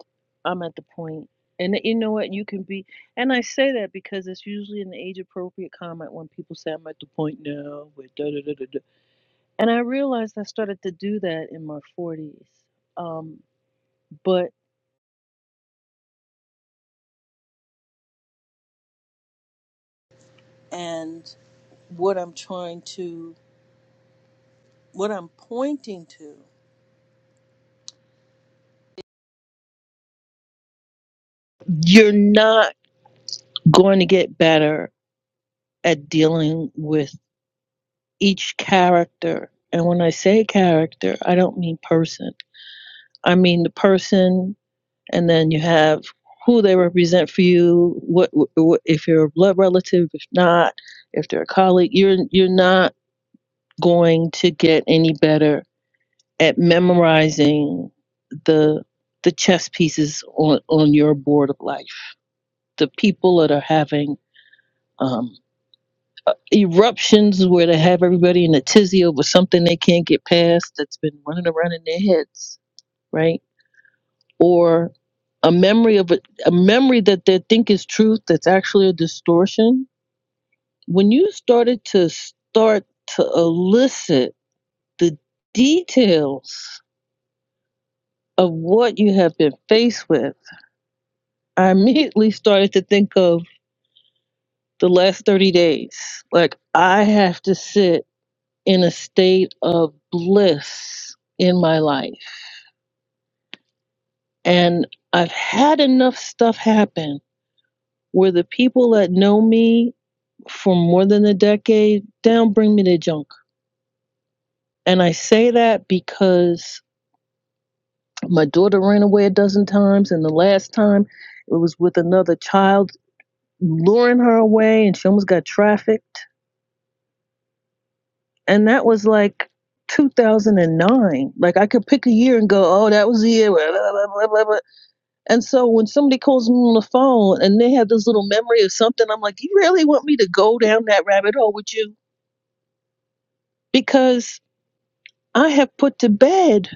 [SPEAKER 6] I'm at the point and you know what you can be and I say that because it's usually an age appropriate comment when people say I'm at the point now with da da da da da And I realized I started to do that in my 40s. Um, but, and what I'm trying to, what I'm pointing to, you're not going to get better at dealing with each character. And when I say character, I don't mean person. I mean the person, and then you have who they represent for you. What, what if you're a blood relative? If not, if they're a colleague, you're you're not going to get any better at memorizing the the chess pieces on on your board of life. The people that are having um, eruptions where they have everybody in a tizzy over something they can't get past that's been running around in their heads, right? Or a memory of a, a memory that they think is truth that's actually a distortion. When you started to start to elicit the details of what you have been faced with I immediately started to think of the last 30 days. Like, I have to sit in a state of bliss in my life. And I've had enough stuff happen where the people that know me for more than a decade they don't bring me the junk. And I say that because my daughter ran away a dozen times, and the last time it was with another child luring her away, and she almost got trafficked and that was like 2009. Like I could pick a year and go, oh, that was the year. Blah, blah, blah, blah, blah. And so when somebody calls me on the phone and they have this little memory of something, I'm like, you really want me to go down that rabbit hole with you? Because I have put to bed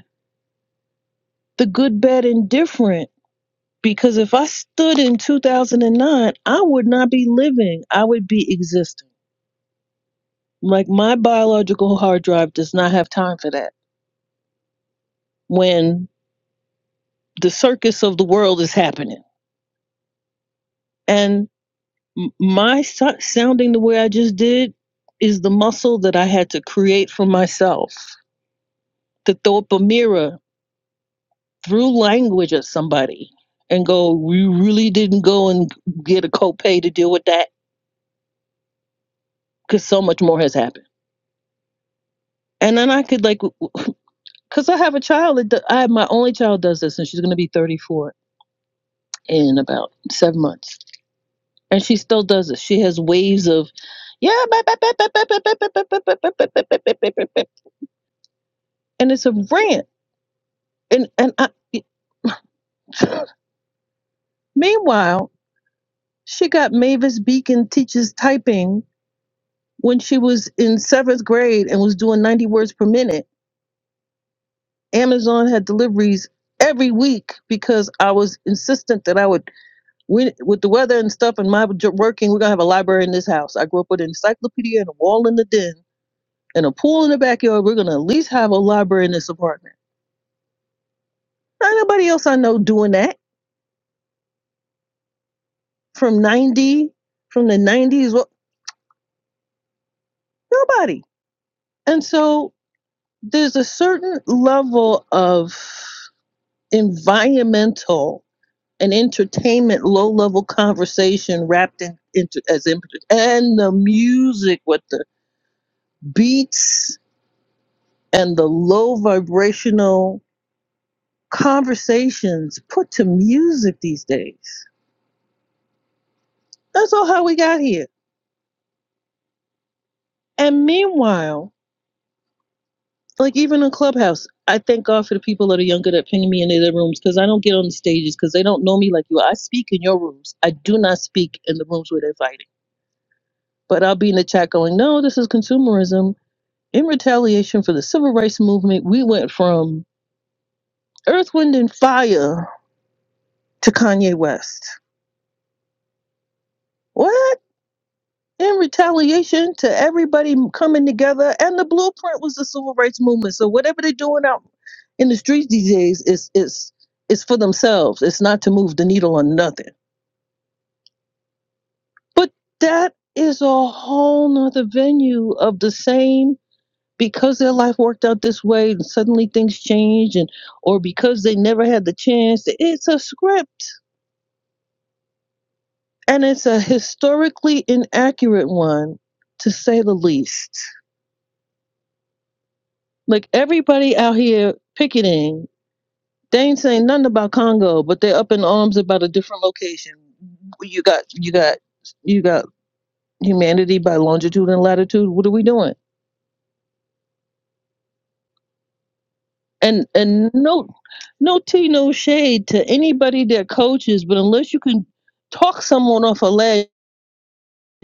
[SPEAKER 6] the good, bad, and different. Because if I stood in 2009, I would not be living. I would be existing. Like my biological hard drive does not have time for that. When the circus of the world is happening. And my so- sounding the way I just did is the muscle that I had to create for myself to throw up a mirror through language at somebody and go, We really didn't go and get a copay to deal with that because so much more has happened. And then I could, like, because I have a child, that do- I have my only child does this, and she's going to be 34 in about seven months. And she still does this. She has waves of, yeah, and it's a rant And and I, meanwhile, she got Mavis Beacon teaches typing when she was in seventh grade and was doing ninety words per minute. Amazon had deliveries every week because I was insistent that I would we, with the weather and stuff and my j- working. We're gonna have a library in this house. I grew up with an encyclopedia and a wall in the den and a pool in the backyard. We're gonna at least have a library in this apartment. Not nobody else I know doing that from ninety from the nineties. Well, Nobody. And so there's a certain level of environmental and entertainment low level conversation wrapped in into as input and the music with the beats and the low vibrational conversations put to music these days that's all how we got here and meanwhile like even in clubhouse i thank god for the people that are younger that ping me into their rooms because i don't get on the stages because they don't know me like you i speak in your rooms i do not speak in the rooms where they're fighting but i'll be in the chat going no this is consumerism in retaliation for the civil rights movement we went from earth wind and fire to kanye west what in retaliation to everybody coming together. And the blueprint was the civil rights movement. So whatever they're doing out in the streets these days is is is for themselves. It's not to move the needle on nothing. But that is a whole nother venue of the same because their life worked out this way and suddenly things change, and or because they never had the chance. It's a script and it's a historically inaccurate one to say the least Like everybody out here picketing, they ain't saying nothing about Congo, but they're up in arms about a different location. You got you got you got humanity by longitude and latitude. What are we doing? And and no no tea, no shade to anybody that coaches, but unless you can talk someone off a ledge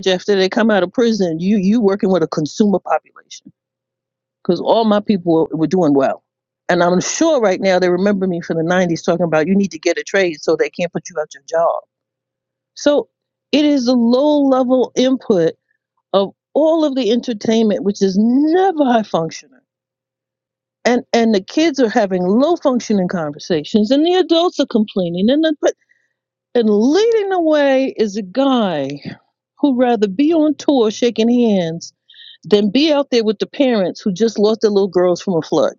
[SPEAKER 6] after they come out of prison, you you working with a consumer population. because all my people were, were doing well. And I'm sure right now they remember me from the 90s talking about you need to get a trade so they can't put you out your job. So it is the low level input of all of the entertainment, which is never high functioning. And, and the kids are having low functioning conversations, and the adults are complaining. And, but, and leading the way is a guy who'd rather be on tour shaking hands than be out there with the parents who just lost their little girls from a flood.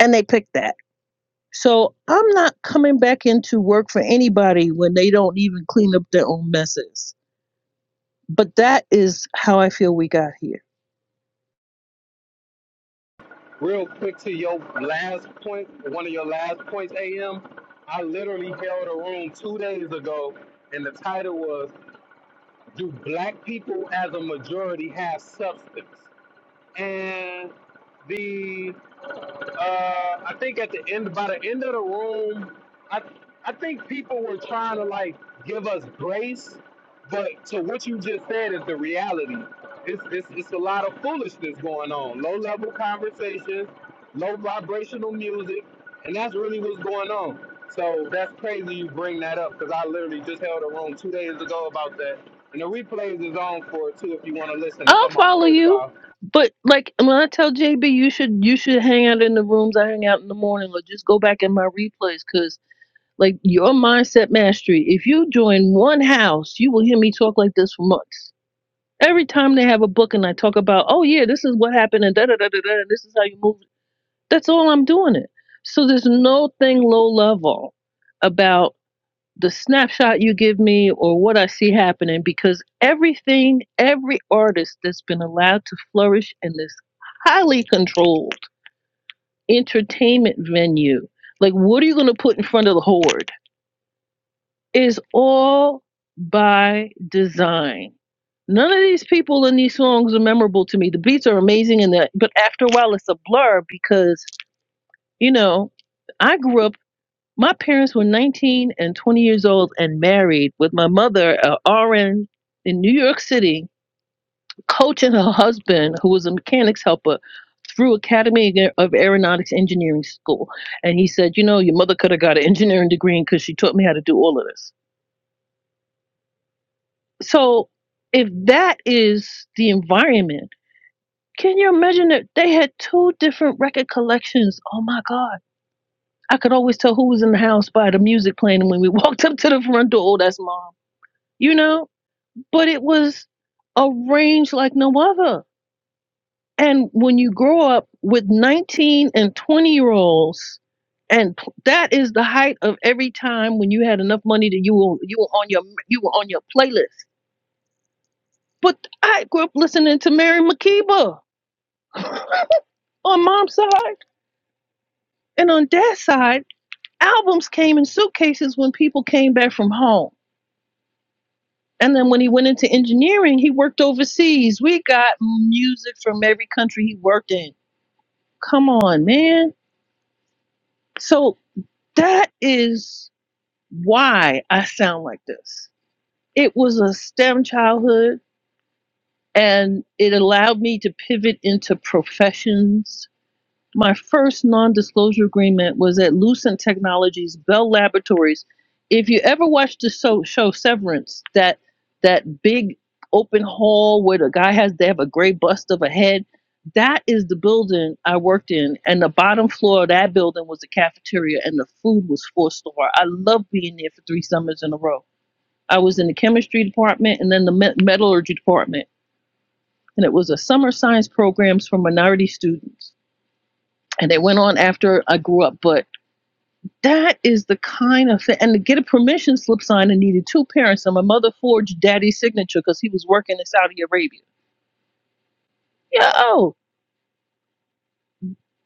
[SPEAKER 6] And they picked that So I'm not coming back into work for anybody when they don't even clean up their own messes. But that is how I feel we got here.
[SPEAKER 4] Real quick to your last point, one of your last points, AM. I literally held a room two days ago, and the title was "Do Black People as a Majority Have Substance?" And the Uh, I think at the end, by the end of the room, I I think people were trying to like give us grace, but to what you just said is the reality. It's it's it's a lot of foolishness going on. Low level conversations, low vibrational music, and that's really what's going on. So that's crazy you bring that up because I literally just held a room two days ago about that. And the replays is on for it too if you want to listen. It's
[SPEAKER 6] I'll
[SPEAKER 4] on my
[SPEAKER 6] follow
[SPEAKER 4] profile.
[SPEAKER 6] you. But like when I tell JB you should you should hang out in the rooms I hang out in the morning or just go back in my replays because like your mindset mastery, if you join one house, you will hear me talk like this for months. Every time they have a book and I talk about, oh yeah, this is what happened and da da da da da, and this is how you move That's all I'm doing it. So there's no thing low level about the snapshot you give me or what I see happening because everything, every artist that's been allowed to flourish in this highly controlled entertainment venue, like what are you going to put in front of the horde, is all by design. None of these people in these songs are memorable to me. The beats are amazing, and that, but after a while, it's a blur because you know I grew up. My parents were 19 and 20 years old and married, with my mother, a RN in New York City, coaching her husband, who was a mechanics helper, through Academy of Aeronautics Engineering School. And he said, You know, your mother could have got an engineering degree because she taught me how to do all of this. So, if that is the environment, can you imagine that they had two different record collections? Oh my God. I could always tell who was in the house by the music playing And when we walked up to the front door. Oh, that's mom you know, but it was a range like no other. And when you grow up with 19 and 20 year olds, and p- that is the height of every time when you had enough money that you were you were on your you were on your playlist. But I grew up listening to Mary McKeeba on mom's side and on dad's side. Albums came in suitcases when people came back from home. And then when he went into engineering, he worked overseas. We got music from every country he worked in Come on, man. So that is why I sound like this. It was a STEM childhood and it allowed me to pivot into professions My first non disclosure agreement was at Lucent Technologies, Bell Laboratories. If you ever watched the show, show Severance, that that big open hall where the guy has they have a gray bust of a head, that is the building I worked in. And the bottom floor of that building was the cafeteria and the food was four star. I loved being there for three summers in a row. I was in the chemistry department and then the me- metallurgy department. And it was a summer science programs for minority students and they went on after I grew up. But that is the kind of thing. And to get a permission slip signed, I needed two parents, and my mother forged daddy's signature because he was working in Saudi Arabia. Yeah. Oh.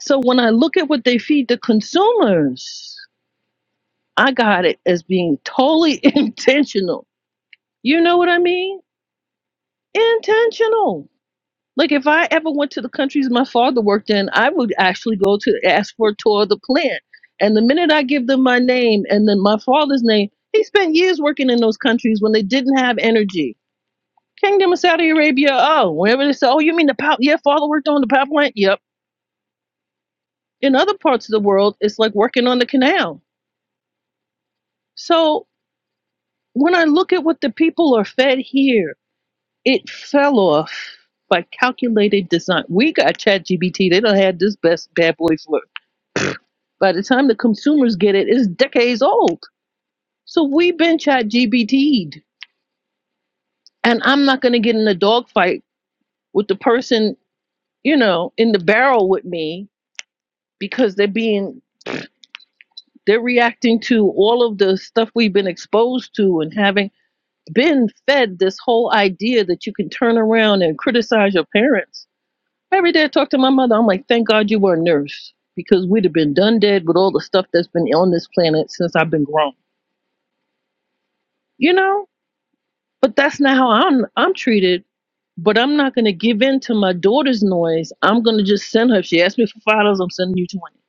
[SPEAKER 6] so when I look at what they feed the consumers, I got it as being totally intentional. You know what I mean? Intentional. Like if I ever went to the countries my father worked in, I would actually go to ask for a tour of the plant. And the minute I give them my name and then my father's name, he spent years working in those countries when they didn't have energy. Kingdom of Saudi Arabia, oh, wherever they say, oh, you mean the power? Yeah, father worked on the power plant. Yep. In other parts of the world, it's like working on the canal. So when I look at what the people are fed here, it fell off by calculated design. We got ChatGPT; They don't have this best bad boy for By the time the consumers get it, it's decades old. So we've been chat GBT'd. And I'm not going to get in a dogfight with the person, you know, in the barrel with me because they're being, they're reacting to all of the stuff we've been exposed to and having been fed this whole idea that you can turn around and criticize your parents. Every day I talk to my mother, I'm like, thank God you were a nurse because we'd have been done dead with all the stuff that's been on this planet since I've been grown. You know? but that's not how I'm I'm treated. But I'm not gonna give in to my daughter's noise. I'm gonna just send her. If she asks me for five dollars, I'm sending you twenty.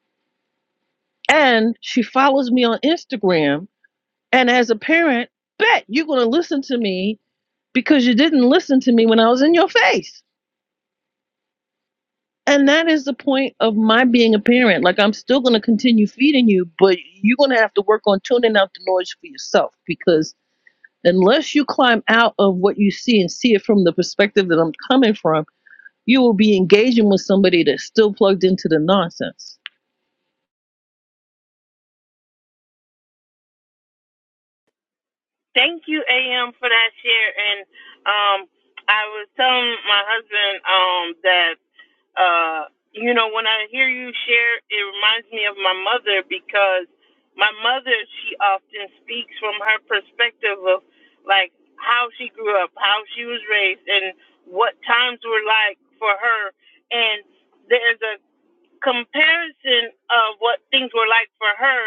[SPEAKER 6] And she follows me on Instagram. And as a parent, bet you're gonna listen to me because you didn't listen to me when I was in your face. And that is the point of my being a parent. Like I'm still gonna continue feeding you, but you're gonna have to work on tuning out the noise for yourself because unless you climb out of what you see and see it from the perspective that I'm coming from You will be engaging with somebody that's still plugged into the nonsense.
[SPEAKER 1] Thank you, AM, for that share. And um, I was telling my husband um, that. Uh, you know, when I hear you share, it reminds me of my mother because my mother, she often speaks from her perspective of like how she grew up, how she was raised, and what times were like for her. And there's a comparison of what things were like for her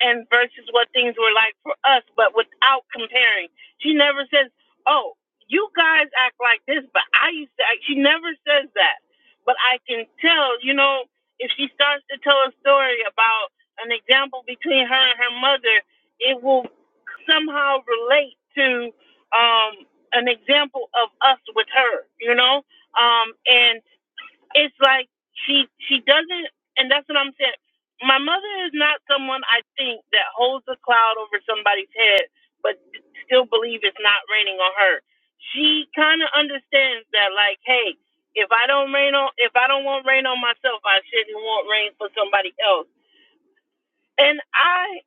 [SPEAKER 1] and versus what things were like for us, but without comparing. She never says, "Oh, you guys act like this," but I used to act. She never says that, but I can tell. You know, if she starts to tell a story about an example between her and her mother, it will somehow relate to um, an example of us with her. You know, um, and it's like she she doesn't and that's what I'm saying. My mother is not someone I think that holds a cloud over somebody's head but still believe it's not raining on her. She kind of understands that like, hey, if I don't rain on if I don't want rain on myself, I shouldn't want rain for somebody else. And I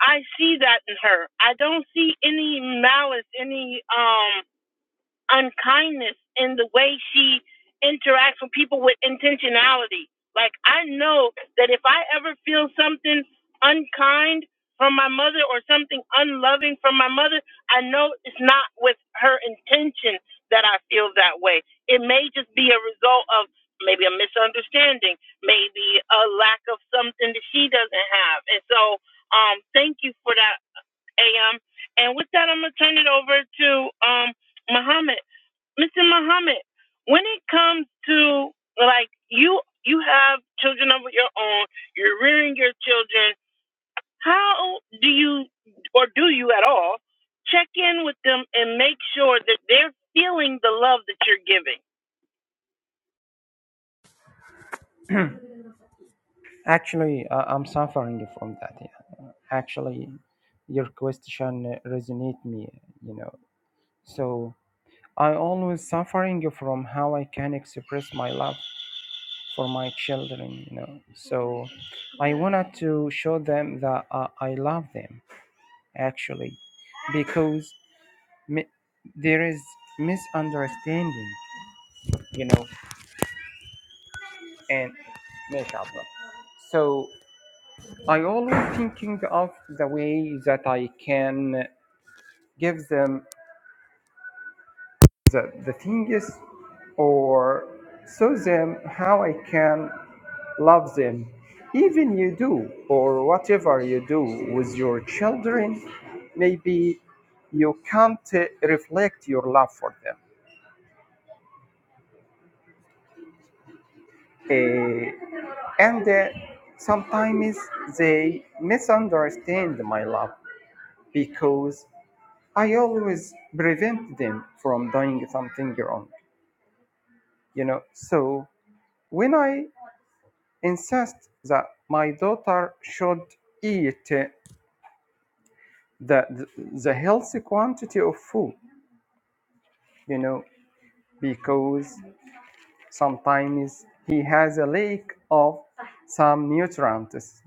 [SPEAKER 1] I see that in her. I don't see any malice, any um unkindness in the way she interacts with people with intentionality. Like I know that if I ever feel something unkind from my mother or something unloving from my mother, I know it's not with her intention that I feel that way. It may just be a result of maybe a misunderstanding, maybe a lack of something that she doesn't have. And so um thank you for that, AM. And with that I'm gonna turn it over to um Muhammad. Mr. Muhammad, when it comes to like you you have children of your own, you're rearing your children, how do you or do you at all check in with them and make sure that they're feeling the love that you're giving?
[SPEAKER 2] Actually, uh, I'm suffering from that. Yeah. Actually, your question resonates me, you know. So I always suffering from how I can express my love for my children, you know. So I wanted to show them that uh, I love them, actually, because mi- there is misunderstanding, you know, and mashallah. So I always thinking of the way that I can give them the, the things or show them how I can love them. Even you do, or whatever you do with your children, maybe you can't uh, reflect your love for them. Uh, and uh, sometimes they misunderstand my love because I always prevent them from doing something wrong, you know. So when I insist that my daughter should eat uh, the, the, the healthy quantity of food, you know, because sometimes he has a lack of some nutrients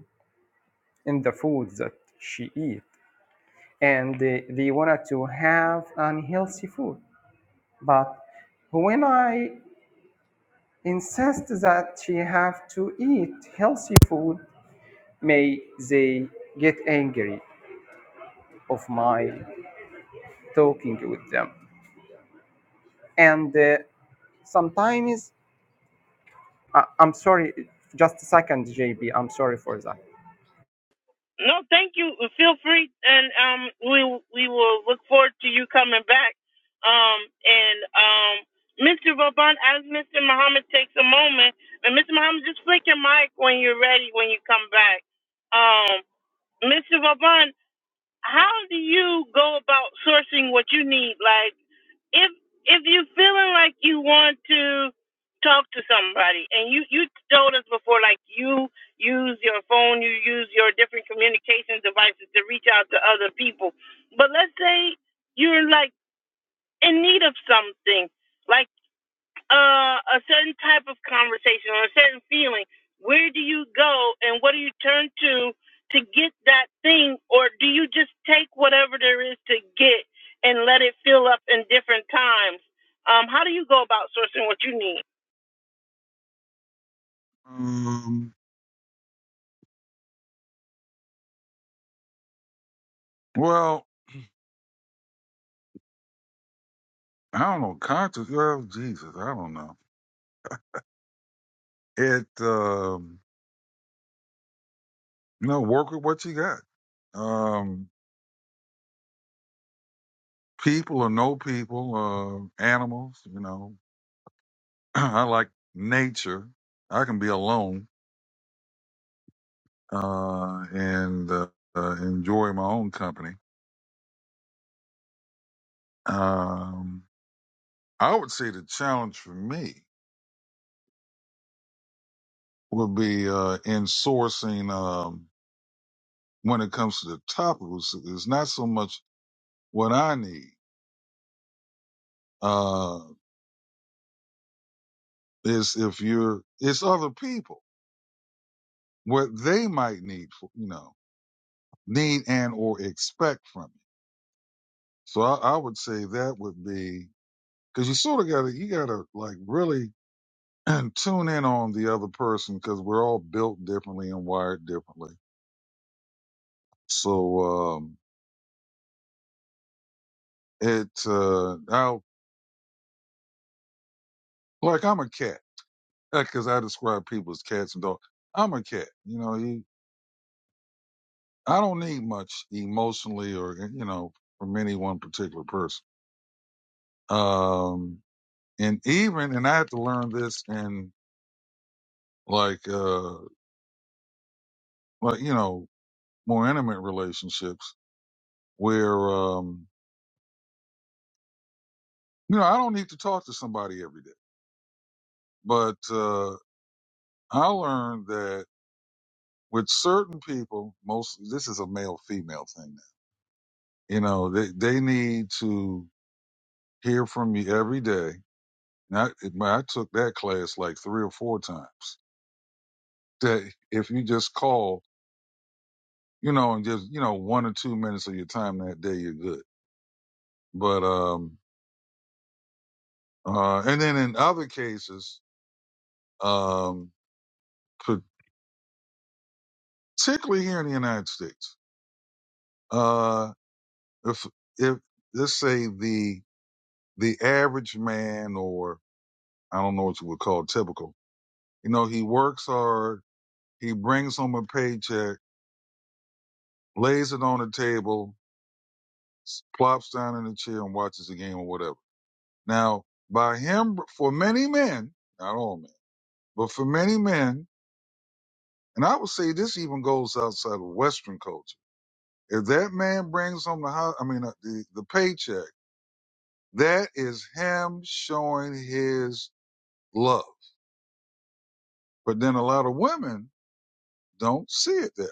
[SPEAKER 2] in the food that she eats and they, they wanted to have unhealthy food. But when I insist that she have to eat healthy food, may they get angry of my talking with them. And uh, sometimes, I I'm sorry, just a second, JB, I'm sorry for that.
[SPEAKER 1] No, thank you. Feel free, and um, we we will look forward to you coming back. Um, and um, Mr. Vauban, as Mr. Muhammad takes a moment, and Mr. Muhammad, just flick your mic when you're ready when you come back. Um, Mr. Vauban, how do you go about sourcing what you need? Like if if you're feeling like you want to talk to somebody and you you told us before like you use your phone you use your different communication devices to reach out to other people but let's say you're like in need of something like uh, a certain type of conversation or a certain feeling, where do you go and what do you turn to to get that thing, or do you just take whatever there is to get and let it fill up in different times? Um, how do you go about sourcing what you need?
[SPEAKER 3] Um, well, I don't know. Conscious, well, Jesus, I don't know. it um you know work with what you got um people or no people uh animals you know i like nature i can be alone uh and uh, uh, enjoy my own company um i would say the challenge for me would be uh in sourcing um when it comes to the topicals it's not so much what i need uh it's if you're it's other people what they might need, for, you know, need and or expect from you. So I, I would say that would be because you sort of got to you got to like really tune in on the other person because we're all built differently and wired differently. So um it uh I like I'm a cat because I describe people as cats and dogs. I'm a cat, you know. You, I don't need much emotionally or you know from any one particular person. Um and even and I had to learn this in like uh like you know more intimate relationships where um you know I don't need to talk to somebody every day, but uh I learned that with certain people, most this is a male female thing now. You know they they need to hear from me every day. And I, it- I took that class like three or four times. That if you just call, you know, and just you know one or two minutes of your time that day, you're good. But um, Uh, and then in other cases, um, particularly here in the United States, uh, if if let's say the the average man, or I don't know what you would call typical, you know, he works hard, he brings home a paycheck, lays it on the table, s- plops down in a chair and watches the game or whatever. Now, by him, for many men, not all men, but for many men, and I would say this even goes outside of Western culture If that man brings home the house, I mean, uh, the, the paycheck, that is him showing his love. But then a lot of women don't see it that. way.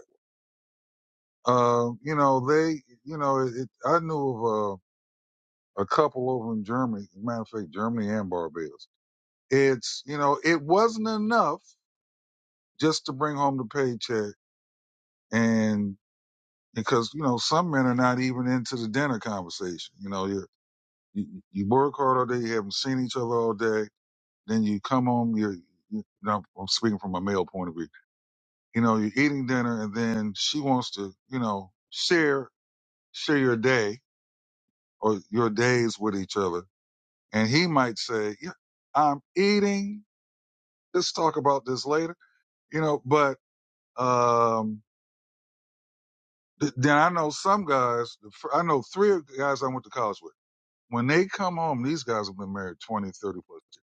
[SPEAKER 3] Uh, you know, they, you know, it, it, I knew of a, a couple over in Germany, as a matter of fact, Germany and Barbados. It's, you know, it wasn't enough just to bring home the paycheck and because, you know, some men are not even into the dinner conversation. You know, you, you, you work hard all day, you haven't seen each other all day Then you come home. You're, you know, I'm speaking from a male point of view. You know, you're eating dinner, and then she wants to, you know, share share your day or your days with each other, and he might say, "Yeah, I'm eating. Let's talk about this later." You know, but um, th- then I know some guys. the fir- I know three of the guys I went to college with. When they come home, these guys have been married 20, 30 plus years.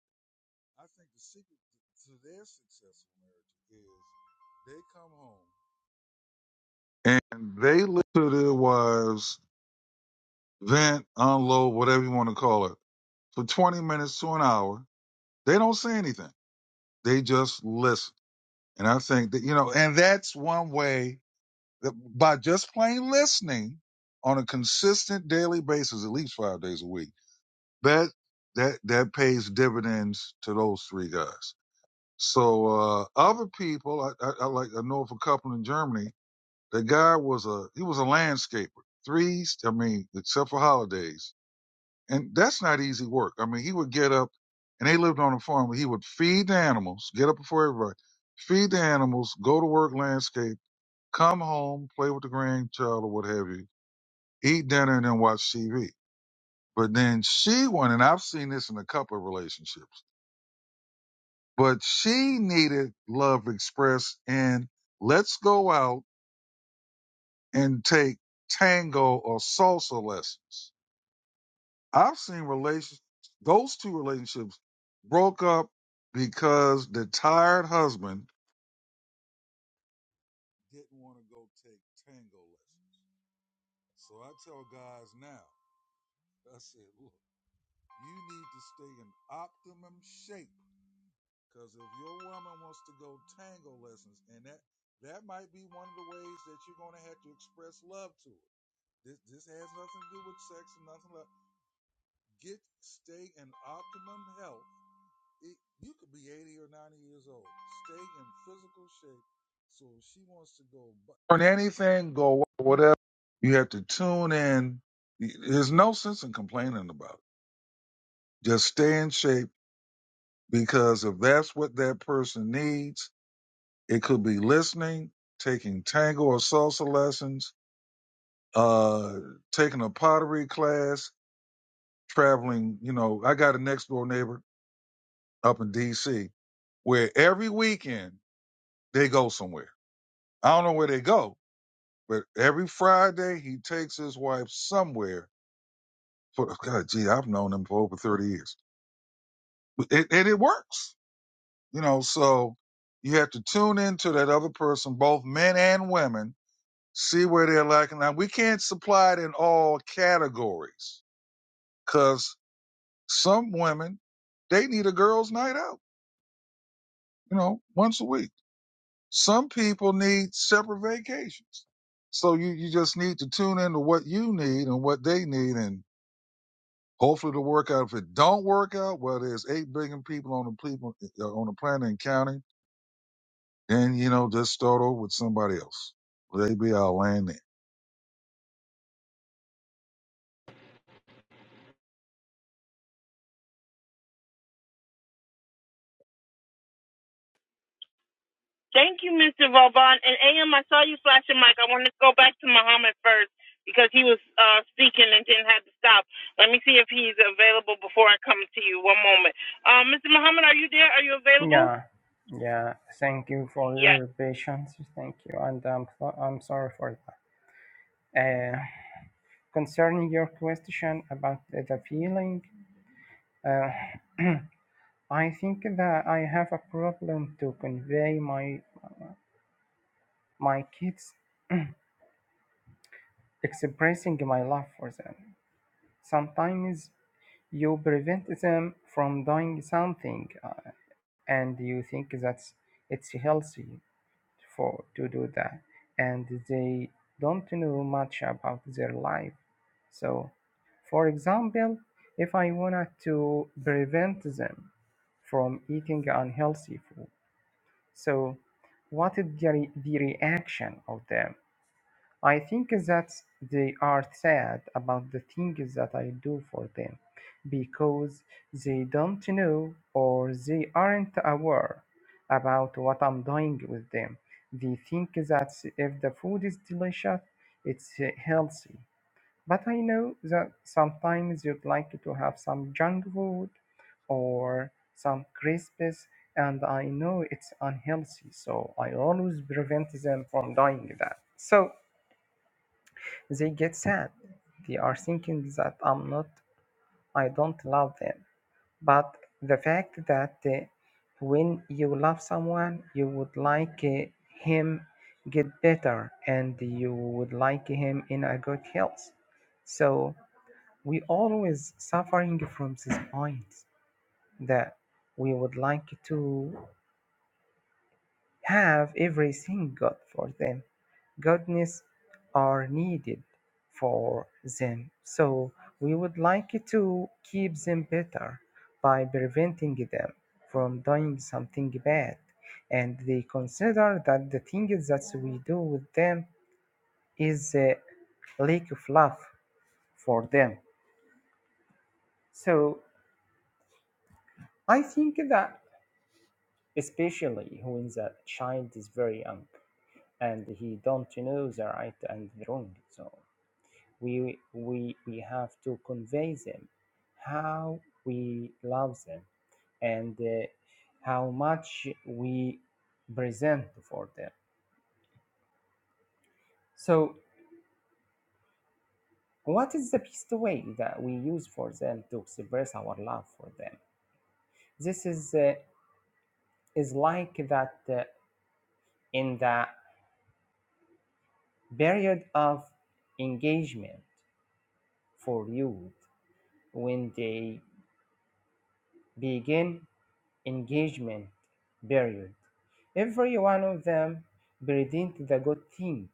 [SPEAKER 3] I think the secret to to their successful marriage is they come home. and they listen to their wives vent, unload, whatever you want to call it, for 20 minutes to an hour. They don't say anything. They just listen. And I think that, you know, and that's one way that by just plain listening on a consistent daily basis, at least five days a week, that, that, that pays dividends to those three guys. So, uh, other people, I, I, I like, I know of a couple in Germany That guy was a he was a landscaper. Threes, I mean, except for holidays. And that's not easy work. I mean, he would get up and they lived on a farm he would feed the animals, get up before everybody, feed the animals, go to work landscape, come home, play with the grandchild or what have you, eat dinner and then watch TV. But then she wanted. and I've seen this in a couple of relationships, but she needed love expressed in let's go out and take tango or salsa lessons I've seen relations, those two relationships broke up because the tired husband didn't want to go take tango lessons. So I tell guys now, I said, look, you need to stay in optimum shape because if your woman wants to go tango lessons, and that that might be one of the ways that you're going to have to express love to her. This this has nothing to do with sex and nothing like. Get stay in optimum health it, you could be 80 or 90 years old. Stay in physical shape. So if she wants to go burn anything, go whatever. You have to tune in. There's no sense in complaining about it. Just stay in shape because if that's what that person needs, it could be listening, taking tango or salsa lessons, uh, taking a pottery class, traveling. You know, I got a next door neighbor up in D.C. where every weekend they go somewhere I don't know where they go, but every Friday he takes his wife somewhere. For God, gee, I've known him for over thirty years, it, and it works. You know, so you have to tune into that other person, both men and women, see where they're lacking. Now we can't supply it in all categories because some women they need a girls' night out. You know, once a week. Some people need separate vacations. So you, you just need to tune into what you need and what they need and Hopefully it'll work out. If it don't work out, well, there's eight billion people on the people uh, on the planet and counting. Then you know, just start over with somebody else. Will they be our land then?
[SPEAKER 1] Thank you, Mr. Vauban. And AM, I saw you flash your mic. I want to go back to Muhammad first because he was uh, speaking and didn't have to stop. Let me see if he's available before I come to you. One moment. Um, Mr. Muhammad, are you there? Are you available?
[SPEAKER 2] Yeah, yeah. Thank you for
[SPEAKER 1] Yeah,
[SPEAKER 2] your patience. Thank you, and I'm I'm sorry for that. Uh, Concerning your question about the the feeling, uh, I think that I have a problem to convey my my kids expressing my love for them. Sometimes you prevent them from doing something, uh, and you think that it's healthy. for to do that and they don't know much about their life so for example if i wanted to prevent them from eating unhealthy food so what is the, re- the reaction of them I think that they are sad about the things that I do for them because they don't know or they aren't aware about what I'm doing with them. They think that if the food is delicious, it's uh, healthy. But I know that sometimes you'd like to have some junk food or some crisps, and I know it's unhealthy, so I always prevent them from doing that. So they get sad. They are thinking that I'm not, I don't love them. But the fact that uh, when you love someone, you would like uh, him get better and you would like him in a good health. So we always suffering from this point that we would like to have everything God for them. Goodness are needed for them. So we would like to keep them better by preventing them from doing something bad. And they consider that the thing that we do with them is a lack of love for them. So I think that especially when the child is very young and he don't know the right and the wrong. So we we we have to convey them how we love them and uh, how much we present for them so what is the best way that we use for them to express our love for them this is uh, is like that uh, in the period of engagement for youth when they begin engagement period. Every one of them presented the good thing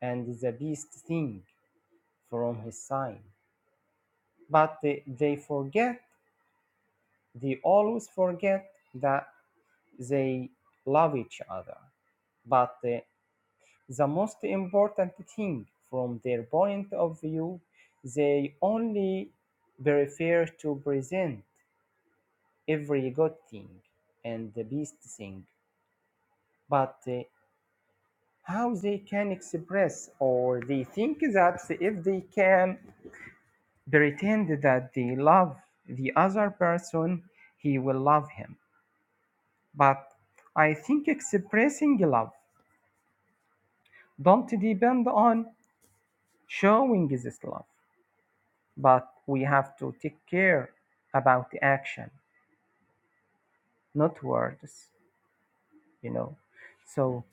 [SPEAKER 2] and the best thing from his side. But they they forget, they always forget that they love each other. But uh, the most important thing from their point of view, they only prefer to present every good thing and the best thing. But uh, how they can express or they think that if they can pretend that they love the other person he will love him but i think expressing love don't depend on showing this love but we have to take care about action not words you know so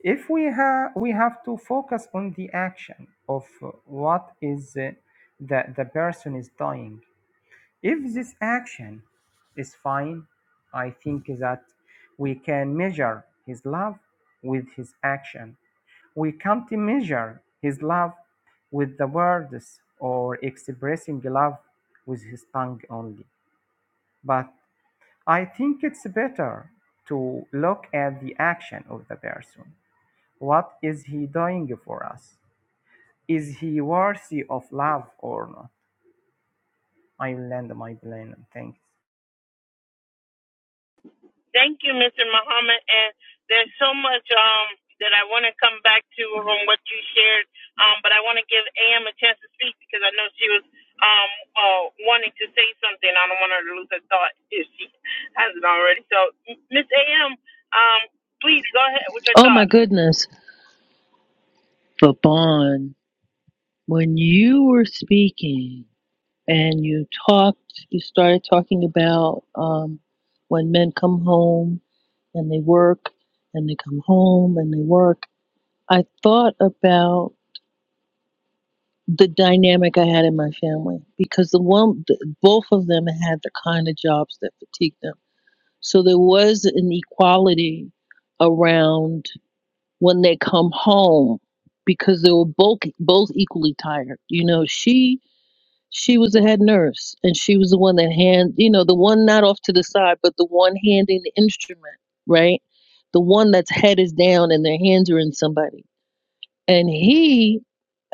[SPEAKER 2] if we have we have to focus on the action of uh, what is uh, the, the person is doing If this action is fine, I think that we can measure his love with his action. We can't measure his love with the words or expressing love with his tongue only. But I think it's better to look at the action of the person. What is he doing for us? Is he worthy of love or not? I will end my plane. Thanks.
[SPEAKER 1] Thank you, Mr. Muhammad. And there's so much um, that I want to come back to from what you shared, um, but I want to give AM a chance to speak because I know she was um, uh, wanting to say something. I don't want her to lose her thought if she hasn't already. So, Miss AM, um, please go ahead with your
[SPEAKER 6] Oh my
[SPEAKER 1] thought.
[SPEAKER 6] goodness. But Bon, when you were speaking and you talked, you started talking about um, when men come home and they work and they come home and they work. I thought about the dynamic I had in my family because the one, the, both of them had the kind of jobs that fatigued them. So there was an equality around when they come home because they were both both equally tired. You know, she she was a head nurse and she was the one that hand you know, the one not off to the side, but the one handing the instrument, right? The one that's head is down and their hands are in somebody. And he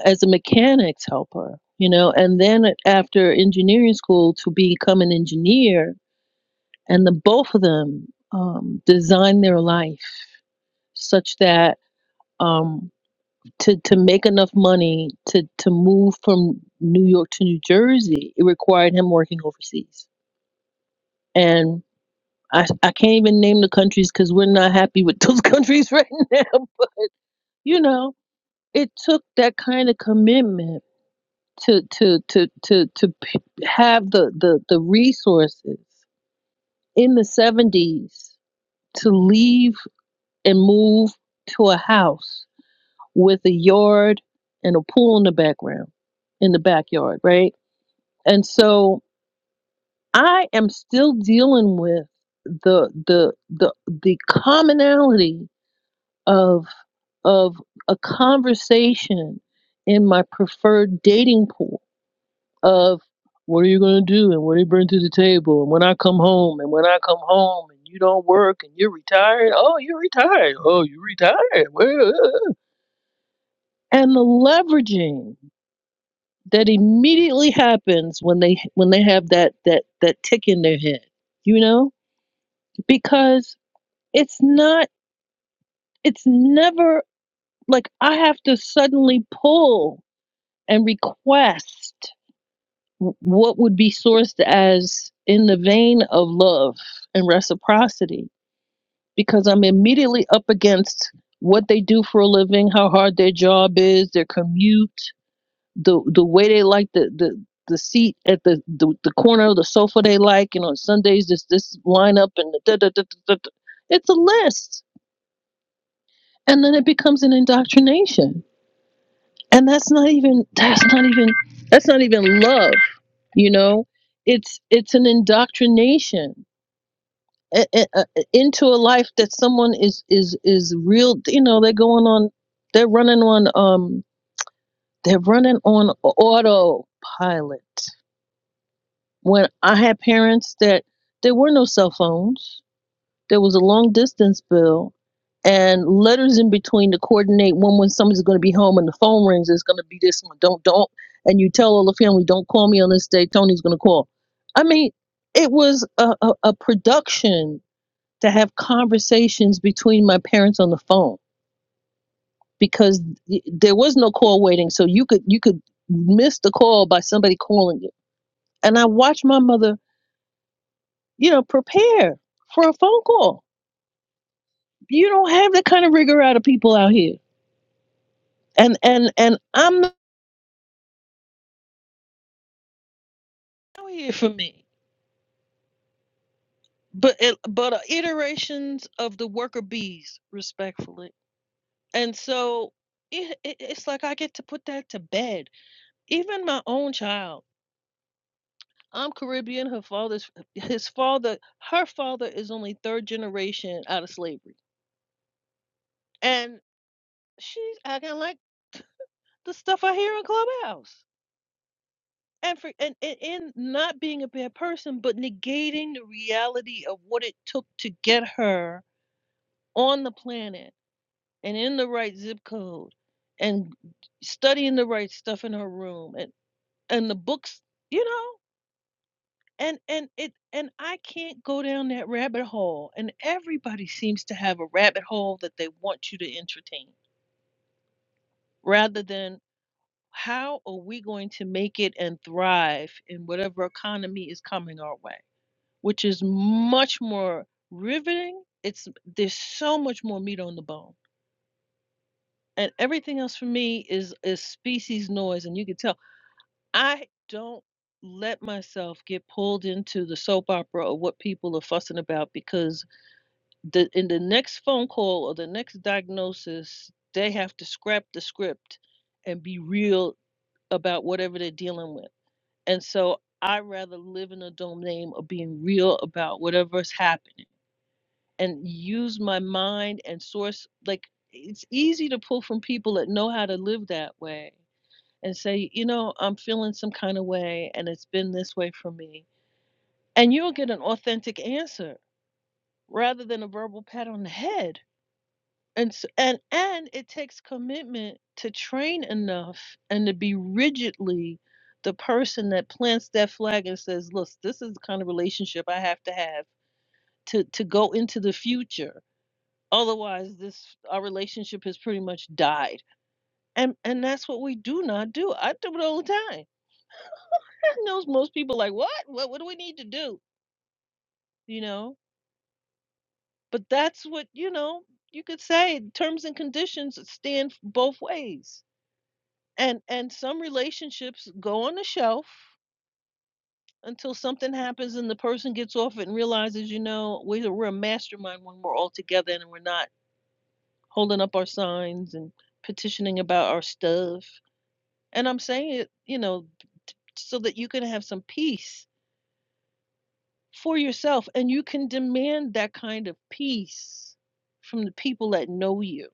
[SPEAKER 6] as a mechanics helper, you know, and then after engineering school to become an engineer and the both of them um, design their life such that um, to to make enough money to to move from New York to New Jersey, it required him working overseas. And I I can't even name the countries because we're not happy with those countries right now. But you know, it took that kind of commitment to to to to to p- have the the the resources in the seventies to leave and move to a house with a yard and a pool in the background in the backyard, right? And so I am still dealing with the the the the commonality of of a conversation in my preferred dating pool of what are you going to do and what do you bring to the table and when I come home and when I come home and you don't work and you're retired oh you're retired oh you're retired well, uh." and the leveraging that immediately happens when they when they have that that that tick in their head you know because it's not it's never like i have to suddenly pull and request what would be sourced as in the vein of love and reciprocity because i'm immediately up against what they do for a living how hard their job is their commute the the way they like the the the seat at the, the the corner of the sofa they like, and on Sundays this this lineup and the da da da da. da. It's a list and then it becomes an indoctrination and that's not even that's not even that's not even love you know it's it's an indoctrination i- i- uh, into a life that someone is is is real you know they're going on they're running on um they're running on autopilot when i had parents that there were no cell phones There was a long distance bill and letters in between to coordinate when when somebody's going to be home and the phone rings. It's going to be this one. Don't don't. And you tell all the family, don't call me on this day. Tony's going to call. I mean, it was a, a, a production to have conversations between my parents on the phone because there was no call waiting, so you could you could miss the call by somebody calling you. And I watched my mother, you know, prepare for a phone call. You don't have that kind of rigor out of people out here and and and I'm not out here for me, but it, but uh, iterations of the worker bees, respectfully. And so it, it it's like I get to put that to bed. Even my own child. I'm Caribbean. Her father's his father. Her father is only third generation out of slavery, and she's acting like the stuff I hear in Clubhouse. And for and, and, and not being a bad person, but negating the reality of what it took to get her on the planet and in the right zip code and studying the right stuff in her room and and the books you know and and it and I can't go down that rabbit hole and everybody seems to have a rabbit hole that they want you to entertain rather than how are we going to make it and thrive in whatever economy is coming our way which is much more riveting it's there's so much more meat on the bone and everything else for me is is species noise and you can tell i don't let myself get pulled into the soap opera or what people are fussing about because the in the next phone call or the next diagnosis they have to scrap the script and be real about whatever they're dealing with and so i rather live in a domain of being real about whatever's happening and use my mind and source like it's easy to pull from people that know how to live that way and say, you know, I'm feeling some kind of way and it's been this way for me. And you'll get an authentic answer rather than a verbal pat on the head. And s and and it takes commitment to train enough and to be rigidly the person that plants that flag and says, "Look, this is the kind of relationship I have to have to to go into the future. Otherwise, this our relationship has pretty much died." And and that's what we do not do. I do it all the time knows most people like what? What what do we need to do? You know? But that's what, you know, you could say terms and conditions stand both ways. And and some relationships go on the shelf until something happens and the person gets off it and realizes, you know, we we're a mastermind when we're all together and we're not holding up our signs and petitioning about our stuff. And I'm saying it, you know, so that you can have some peace for yourself and you can demand that kind of peace from the people that know you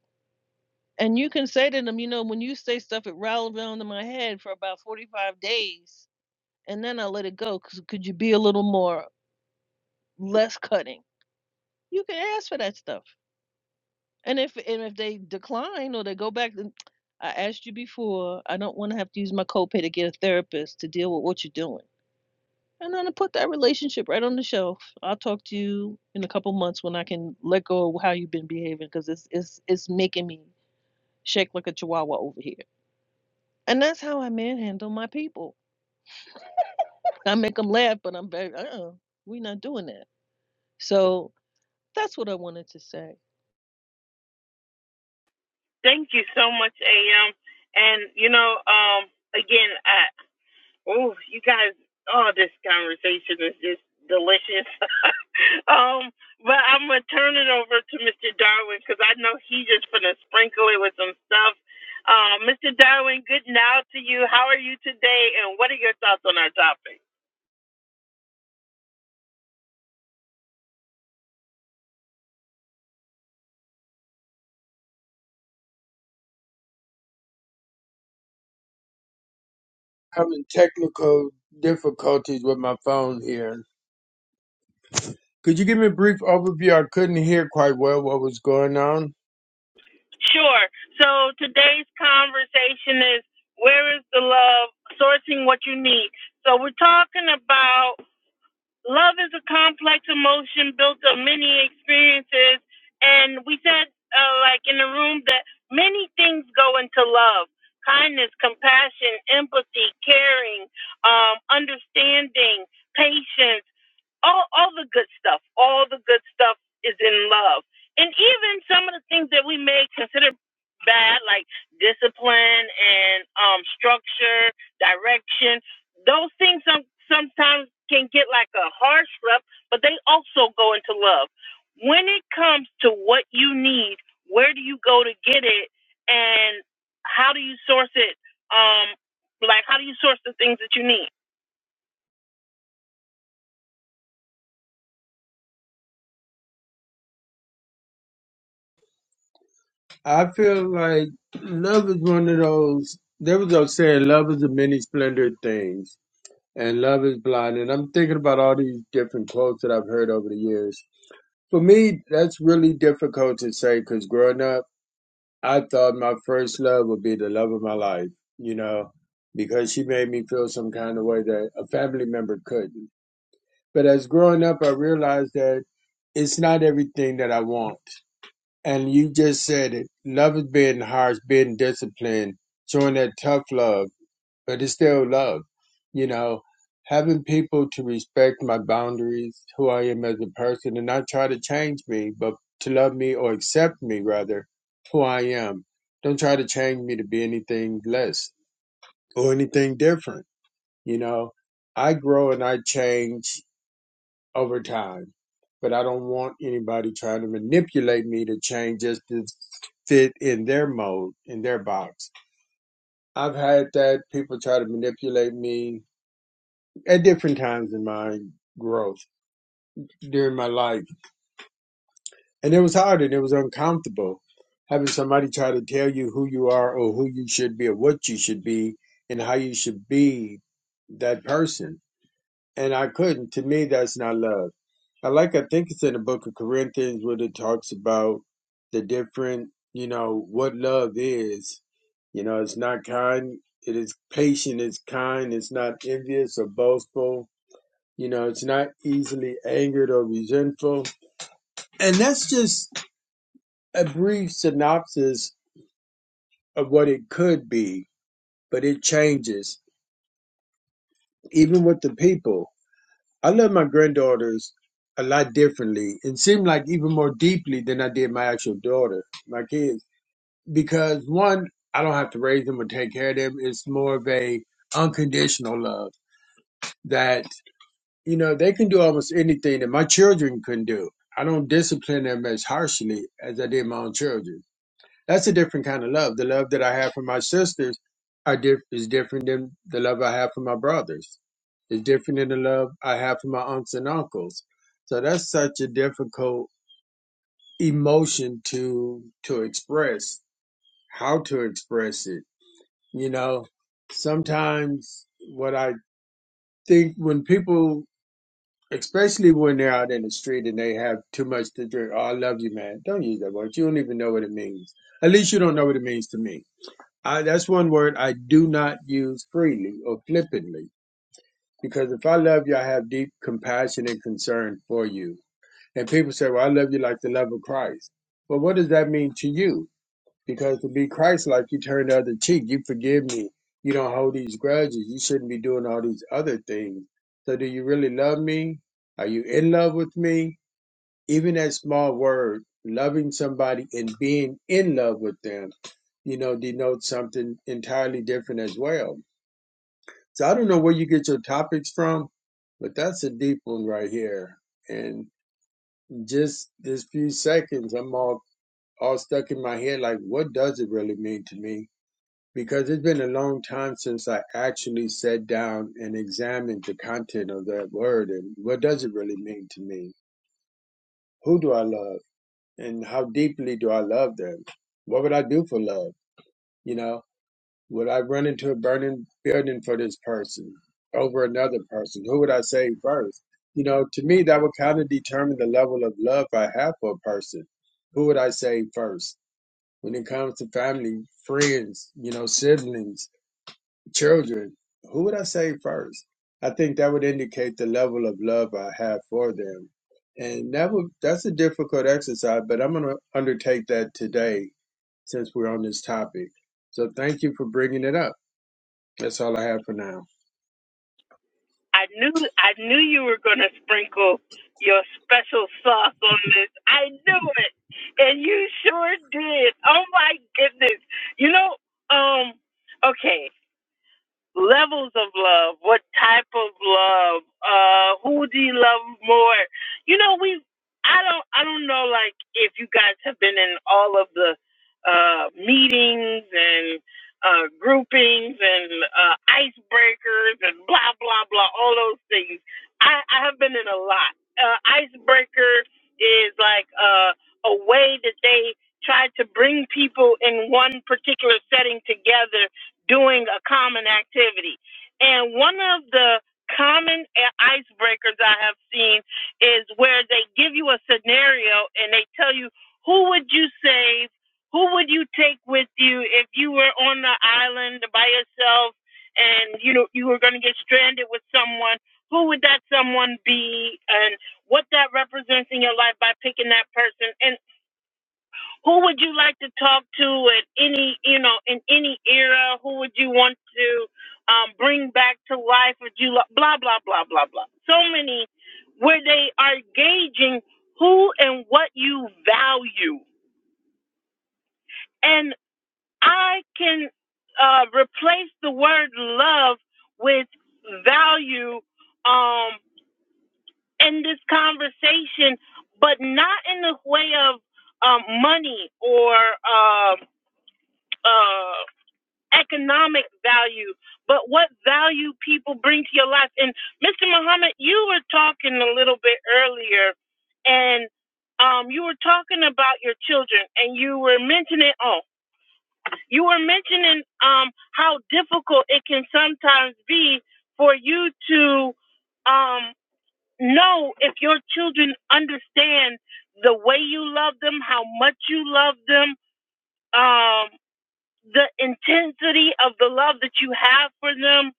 [SPEAKER 6] and you can say to them you know when you say stuff it rattled around in my head for about 45 days and then i let it go. Cause could you be a little more less cutting you can ask for that stuff and if and if they decline or they go back then i asked you before i don't want to have to use my copay to get a therapist to deal with what you're doing And then I put that relationship right on the shelf. I'll talk to you in a couple months when I can let go of how you've been behaving because it's it's it's making me shake like a chihuahua over here. And that's how I manhandle my people. I make them laugh, but I'm very uh uh-uh, we not doing that. So that's what I wanted to say.
[SPEAKER 1] Thank you so much, AM. And you know, um, again, I, oh, you guys, oh, this conversation is just delicious. Um, but I'm gonna turn it over to Mr. Darwin because I know he just gonna sprinkle it with some stuff. Um, Mr. Darwin, good now to you. How are you today, and what are your thoughts on our topic?
[SPEAKER 7] having technical difficulties with my phone here. Could you give me a brief overview? I couldn't hear quite well what was going on.
[SPEAKER 1] Sure. So today's conversation is where is the love? Sourcing what you need. So we're talking about love is a complex emotion built of many experiences and we said uh, like in the room that many things go into love kindness compassion empathy caring um, understanding patience all all the good stuff all the good stuff is in love and even some of the things that we may consider bad like discipline and um structure direction those things some, sometimes can get like a harsh slap but they also go into love when it comes to what you need where do you go to get it and how do you source it um like how do you source the things that you need
[SPEAKER 7] I feel like love is one of those. There was a saying, "Love is a many splendid things, and love is blind." And I'm thinking about all these different quotes that I've heard over the years. For me, that's really difficult to say because growing up, I thought my first love would be the love of my life. You know, because she made me feel some kind of way that a family member couldn't. But as growing up, I realized that it's not everything that I want. And you just said it. Love is being harsh, being disciplined, showing that tough love, but it's still love. You know, having people to respect my boundaries, who I am as a person, and not try to change me, but to love me or accept me, rather, who I am. Don't try to change me to be anything less or anything different. You know, I grow and I change over time. But I don't want anybody trying to manipulate me to change just to fit in their mold, in their box. I've had that people try to manipulate me at different times in my growth during my life. And it was hard and it was uncomfortable having somebody try to tell you who you are or who you should be or what you should be and how you should be that person and I couldn't. To me, that's not love. I like, I think it's in the book of Corinthians where it talks about the different, you know, what love is. You know, it's not kind, it is patient, it's kind, it's not envious or boastful. You know, it's not easily angered or resentful. And that's just a brief synopsis of what it could be, but it changes, even with the people. I love my granddaughters a lot differently and seem like even more deeply than I did my actual daughter, my kids, because one, I don't have to raise them or take care of them. It's more of a unconditional love that, you know, they can do almost anything that my children couldn't do. I don't discipline them as harshly as I did my own children that's a different kind of love. The love that I have for my sisters are diff- is different than the love I have for my brothers. It's different than the love I have for my aunts and uncles. So that's such a difficult emotion to to express. How to express it, you know? Sometimes what I think when people, especially when they're out in the street and they have too much to drink, oh, I love you, man. Don't use that word. You don't even know what it means. At least you don't know what it means to me I, that's one word I do not use freely or flippantly because if I love you, I have deep compassion and concern for you. And people say, well, I love you like the love of Christ. Well, what does that mean to you? Because to be Christ like, you turn the other cheek, you forgive me, you don't hold these grudges, you shouldn't be doing all these other things. So, do you really love me? Are you in love with me? Even that small word, loving somebody and being in love with them you know, denotes something entirely different as well. So I don't know where you get your topics from, but that's a deep one right here. And just this few seconds, I'm all, all stuck in my head like, what does it really mean to me? Because it's been a long time since I actually sat down and examined the content of that word and what does it really mean to me? Who do I love? And how deeply do I love them? What would I do for love? You know? Would I run into a burning building for this person over another person? Who would I save first? You know, to me, that would kind of determine the level of love I have for a person. Who would I save first? When it comes to family, friends, you know, siblings, children, who would I save first? I think that would indicate the level of love I have for them. And that would, that's a difficult exercise, but I'm going to undertake that today since we're on this topic. So thank you for bringing it up. That's all I have for now.
[SPEAKER 1] I knew I knew you were gonna sprinkle your special sauce on this. I knew it. And you sure did. Oh my goodness. You know, um, okay levels of love, what type of love, uh, who do you love more? You know, we I don't I don't know like if you guys have been in all of the uh meetings and uh groupings and uh icebreakers and blah blah blah, all those things. I, I have been in a lot. Uh icebreaker is like uh a way that they try to bring people in one particular setting together doing a common activity. And one of the common icebreakers I have seen is where they give you a scenario and they tell you who would you save, who would you take with you if you were on the island by yourself and you know you were going to get stranded with someone, who would that someone be and what that represents in your life by picking that person. And who would you like to talk to at any, you know, in any era? Who would you want to um, bring back to life? Would you lo- blah blah blah blah blah? So many where they are gauging who and what you value, and I can uh, replace the word love with value um, in this conversation, but not in the way of um, money or. Um, uh, economic value, but what value people bring to your life. And Mr. Muhammad, you were talking a little bit earlier, and um, you were talking about your children, and you were mentioning oh, you were mentioning um, how difficult it can sometimes be for you to um, know if your children understand the way you love them, how much you love them. Um, the intensity of the love that you have for them.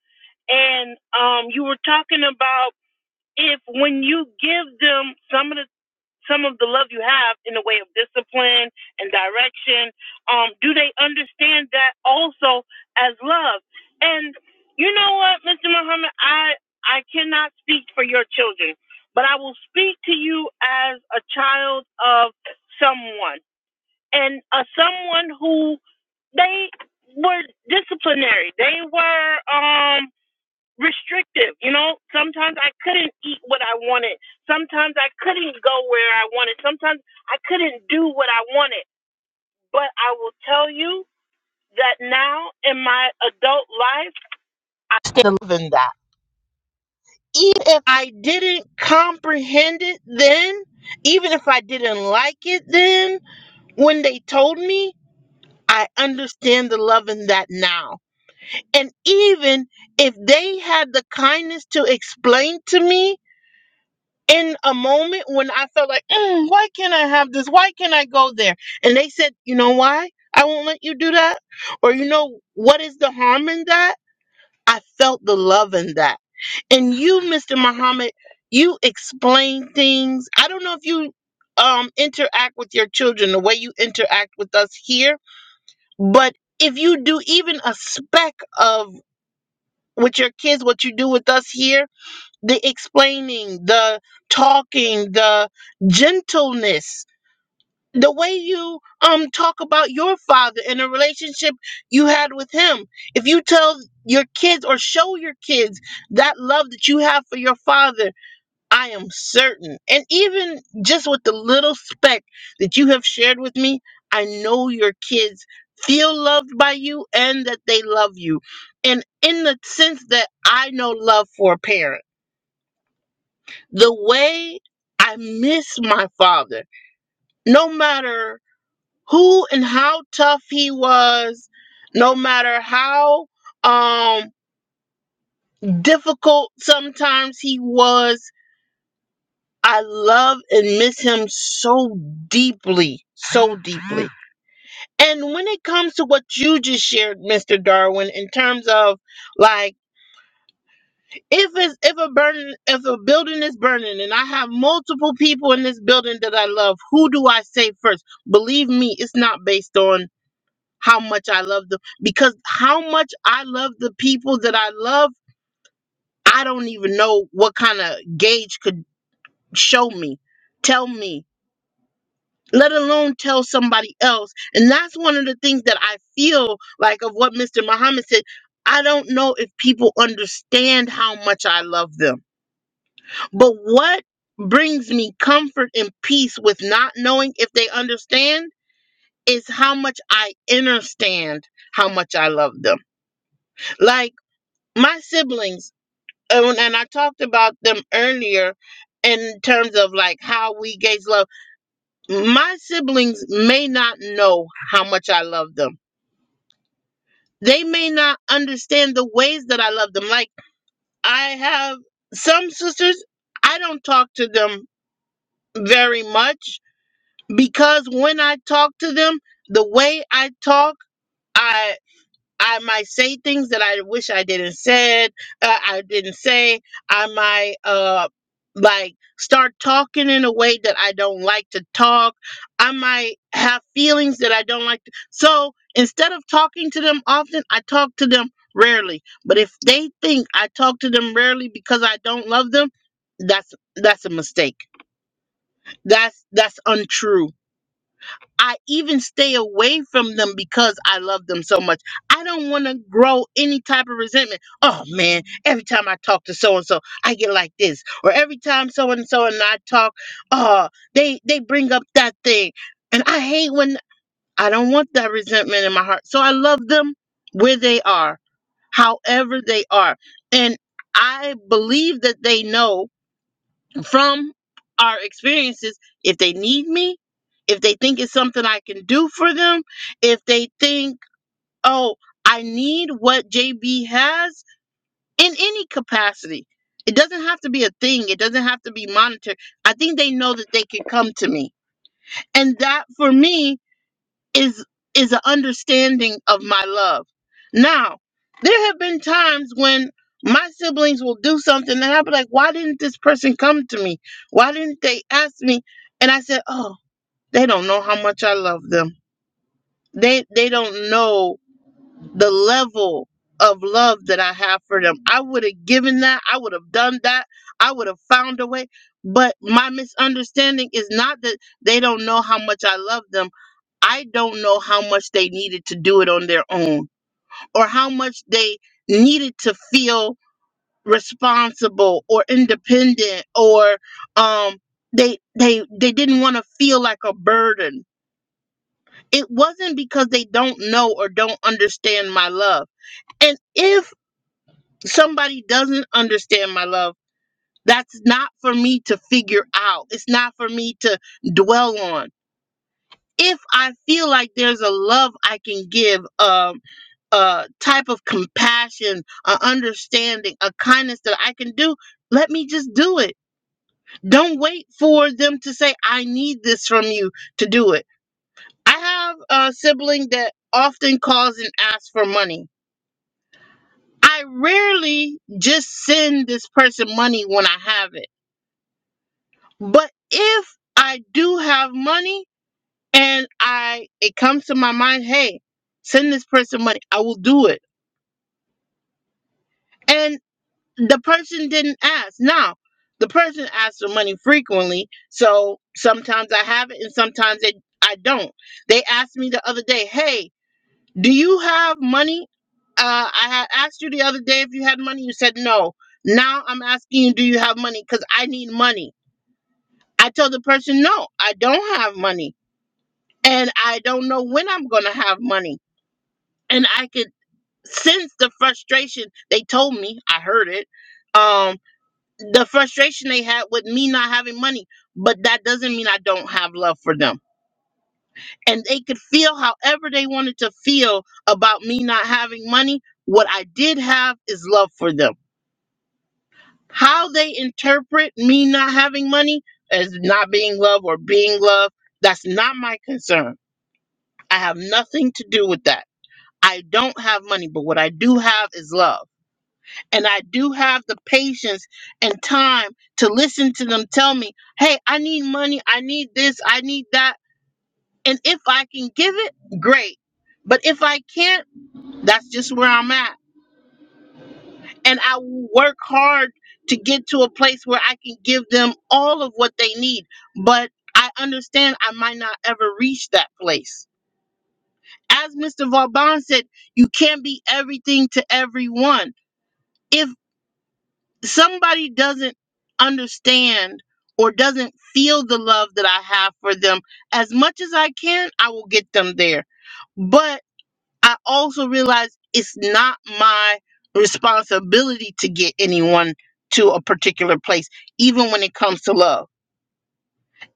[SPEAKER 1] And um, you were talking about if when you give them some of the some of the love you have in the way of discipline and direction, um, do they understand that also as love? And you know what, Mr. Muhammad, I I cannot speak for your children, but I will speak to you as a child of someone and a someone who they were disciplinary. They were um restrictive, you know. Sometimes I couldn't eat what I wanted. Sometimes I couldn't go where I wanted. Sometimes I couldn't do what I wanted. But I will tell you that now in my adult life, I still live in that. Even if I didn't comprehend it then, even if I didn't like it then, when they told me, I understand the love in that now And even if they had the kindness to explain to me in a moment when I felt like, mm, why can't I have this? Why can't I go there? And they said, you know why? I won't let you do that. Or, you know, what is the harm in that? I felt the love in that. And you, Mr. Muhammad, you explain things. I don't know if you um, interact with your children the way you interact with us here, but if you do even a speck of with your kids what you do with us here the explaining the talking the gentleness the way you um talk about your father and the relationship you had with him if you tell your kids or show your kids that love that you have for your father I am certain. And even just with the little speck that you have shared with me, I know your kids feel loved by you and that they love you. And in the sense that I know love for a parent, the way I miss my father, no matter who and how tough he was, no matter how um difficult sometimes he was I love and miss him so deeply, so deeply. And when it comes to what you just shared, Mr. Darwin, in terms of like if it's if a burn if a building is burning and I have multiple people in this building that I love, who do I save first? Believe me, it's not based on how much I love them because how much I love the people that I love, I don't even know what kind of gauge could show me, tell me let alone tell somebody else. And that's one of the things that I feel like of what Mr. Muhammad said. I don't know if people understand how much I love them. But what brings me comfort and peace with not knowing if they understand is how much I understand how much I love them. Like my siblings, and and I talked about them earlier in terms of like how we gays love. My siblings may not know how much I love them they may not understand the ways that I love them. Like I have some sisters, I don't talk to them very much because when I talk to them, the way I talk, I. I might say things that I wish I didn't said. Uh, I didn't say. I might uh like start talking in a way that I don't like to talk. I might have feelings that I don't like. To, so instead of talking to them often, I talk to them rarely. But if they think I talk to them rarely because I don't love them, that's that's a mistake. That's that's untrue I even stay away from them because I love them so much. I don't want to grow any type of resentment. Oh man, every time I talk to so and so, I get like this. Or every time so and so and I talk, oh, they they bring up that thing. And I hate when I don't want that resentment in my heart. So I love them where they are, however they are. And I believe that they know from our experiences if they need me, if they think it's something I can do for them, if they think, oh, I need what JB has in any capacity. It doesn't have to be a thing, it doesn't have to be monitored. I think they know that they can come to me. And that for me is is an understanding of my love. Now, there have been times when my siblings will do something and I'll be like, why didn't this person come to me? Why didn't they ask me? And I said, Oh, they don't know how much I love them. They they don't know the level of love that I have for them. I would have given that, I would have done that, I would have found a way. But my misunderstanding is not that they don't know how much I love them I don't know how much they needed to do it on their own or how much they needed to feel responsible or independent or um they they they didn't want to feel like a burden. It wasn't because they don't know or don't understand my love. And if somebody doesn't understand my love, that's not for me to figure out. It's not for me to dwell on. If I feel like there's a love I can give, um a type of compassion, a understanding, a kindness that I can do, let me just do it. Don't wait for them to say, I need this from you to do it. I have a sibling that often calls and asks for money. I rarely just send this person money when I have it. But if I do have money and I it comes to my mind, hey, send this person money, I will do it. And. the person didn't ask. Now, the person asks for money frequently, so sometimes I have it and sometimes they, I don't. They asked me the other day, "Hey, do you have money?" Uh, I had asked you the other day if you had money. You said no. Now I'm asking you, do you have money? Because I need money. I told the person, no, I don't have money, and I don't know when I'm gonna have money. And I could sense the frustration. They told me, I heard it. Um, the frustration they had with me not having money, but that doesn't mean I don't have love for them. And they could feel however they wanted to feel about me not having money. What I did have is love for them. How they interpret me not having money as not being love or being love, that's not my concern. I have nothing to do with that. I don't have money, but what I do have is love. and I do have the patience and time to listen to them tell me, hey, I need money, I need this, I need that. And if I can give it, great. But if I can't, that's just where I'm at. And I will work hard to get to a place where I can give them all of what they need. But I understand I might not ever reach that place. As Mr. Vauban said, you can't be everything to everyone If somebody doesn't understand or doesn't feel the love that I have for them, as much as I can, I will get them there. But I also realize it's not my responsibility to get anyone to a particular place, even when it comes to love.